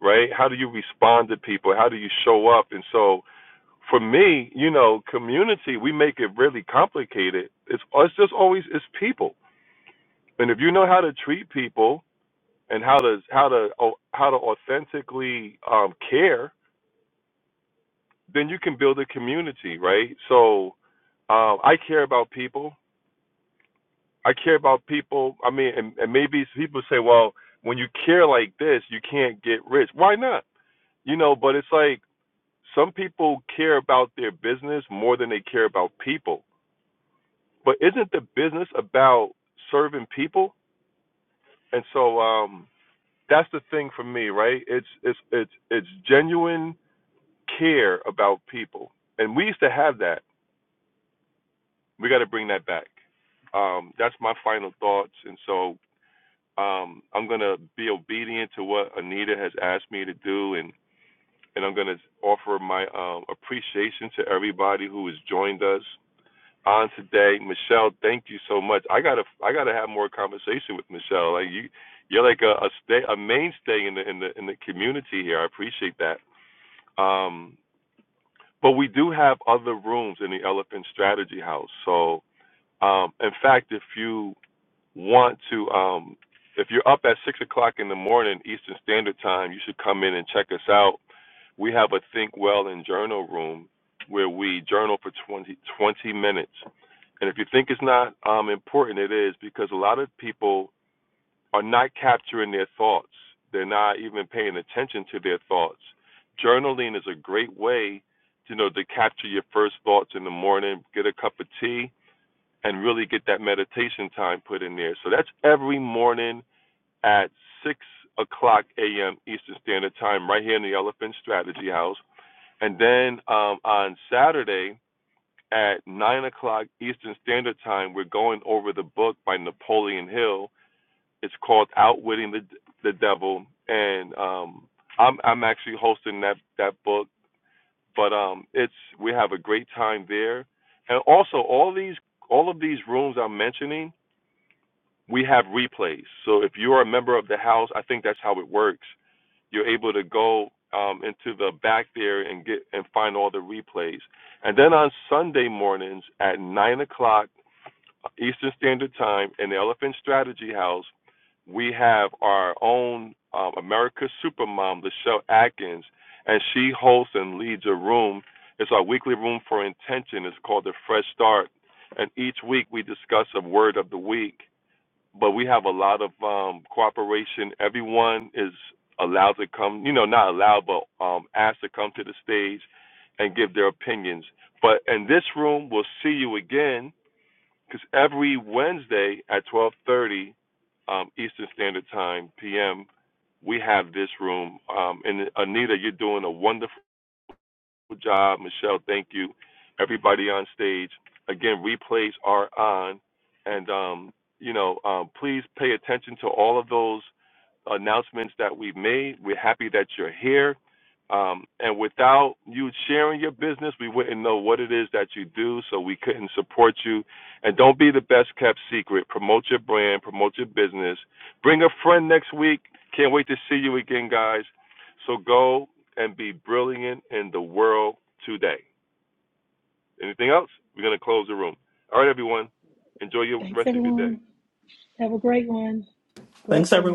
Speaker 8: right? How do you respond to people? How do you show up? And so for me, you know, community, we make it really complicated. It's it's just always it's people, and if you know how to treat people and how to how to oh, how to authentically um, care, then you can build a community, right? So, um, I care about people. I care about people. I mean, and, and maybe people say, well, when you care like this, you can't get rich. Why not? You know, but it's like some people care about their business more than they care about people but isn't the business about serving people? And so um, that's the thing for me, right? It's it's it's it's genuine care about people, and we used to have that. We got to bring that back. Um, that's my final thoughts, and so um, I'm gonna be obedient to what Anita has asked me to do, and and I'm gonna offer my um, appreciation to everybody who has joined us on today. Michelle, thank you so much. I gotta I gotta have more conversation with Michelle. Like you you're like a, a stay a mainstay in the in the in the community here. I appreciate that. Um but we do have other rooms in the Elephant Strategy House. So um in fact if you want to um if you're up at six o'clock in the morning Eastern Standard Time, you should come in and check us out. We have a Think Well and Journal room where we journal for 20 20 minutes. And if you think it's not um, important, it is because a lot of people are not capturing their thoughts. They're not even paying attention to their thoughts. Journaling is a great way, to, you know, to capture your first thoughts in the morning. Get a cup of tea, and really get that meditation time put in there. So that's every morning at 6 o'clock a.m. Eastern Standard Time, right here in the Elephant Strategy House. And then um, on Saturday at 9 o'clock Eastern Standard Time, we're going over the book by Napoleon Hill. It's called Outwitting the the Devil, and um, I'm I'm actually hosting that that book. But um, it's we have a great time there, and also all these all of these rooms I'm mentioning we have replays. So if you are a member of the house, I think that's how it works. You're able to go um, into the back there and get and find all the replays. And then on Sunday mornings at nine o'clock Eastern Standard Time in the Elephant Strategy House, we have our own um, America's Supermom, Lachelle Atkins, and she hosts and leads a room. It's our weekly room for intention. It's called the Fresh Start, and each week we discuss a word of the week but we have a lot of um, cooperation. Everyone is allowed to come, you know, not allowed, but um, asked to come to the stage and give their opinions. But in this room, we'll see you again because every Wednesday at 12:30 um, Eastern Standard Time (PM), we have this room. Um, and Anita, you're doing a wonderful. Good job, Michelle. Thank you. Everybody on stage. Again, replays are on, and um, you know, um, please pay attention to all of those announcements that we've made. We're happy that you're here. Um, and without you sharing your business, we wouldn't know what it is that you do, so we couldn't support you. And don't be the best kept secret. Promote your brand, promote your business. Bring a friend next week. Can't wait to see you again, guys. So go and be brilliant in the world today. Anything else? We're going to close the room. All right, everyone. Enjoy your, the
Speaker 1: Thanks,
Speaker 8: rest of your day.
Speaker 1: everyone. Have a great one.
Speaker 2: Thanks, everyone.
Speaker 1: Blessings.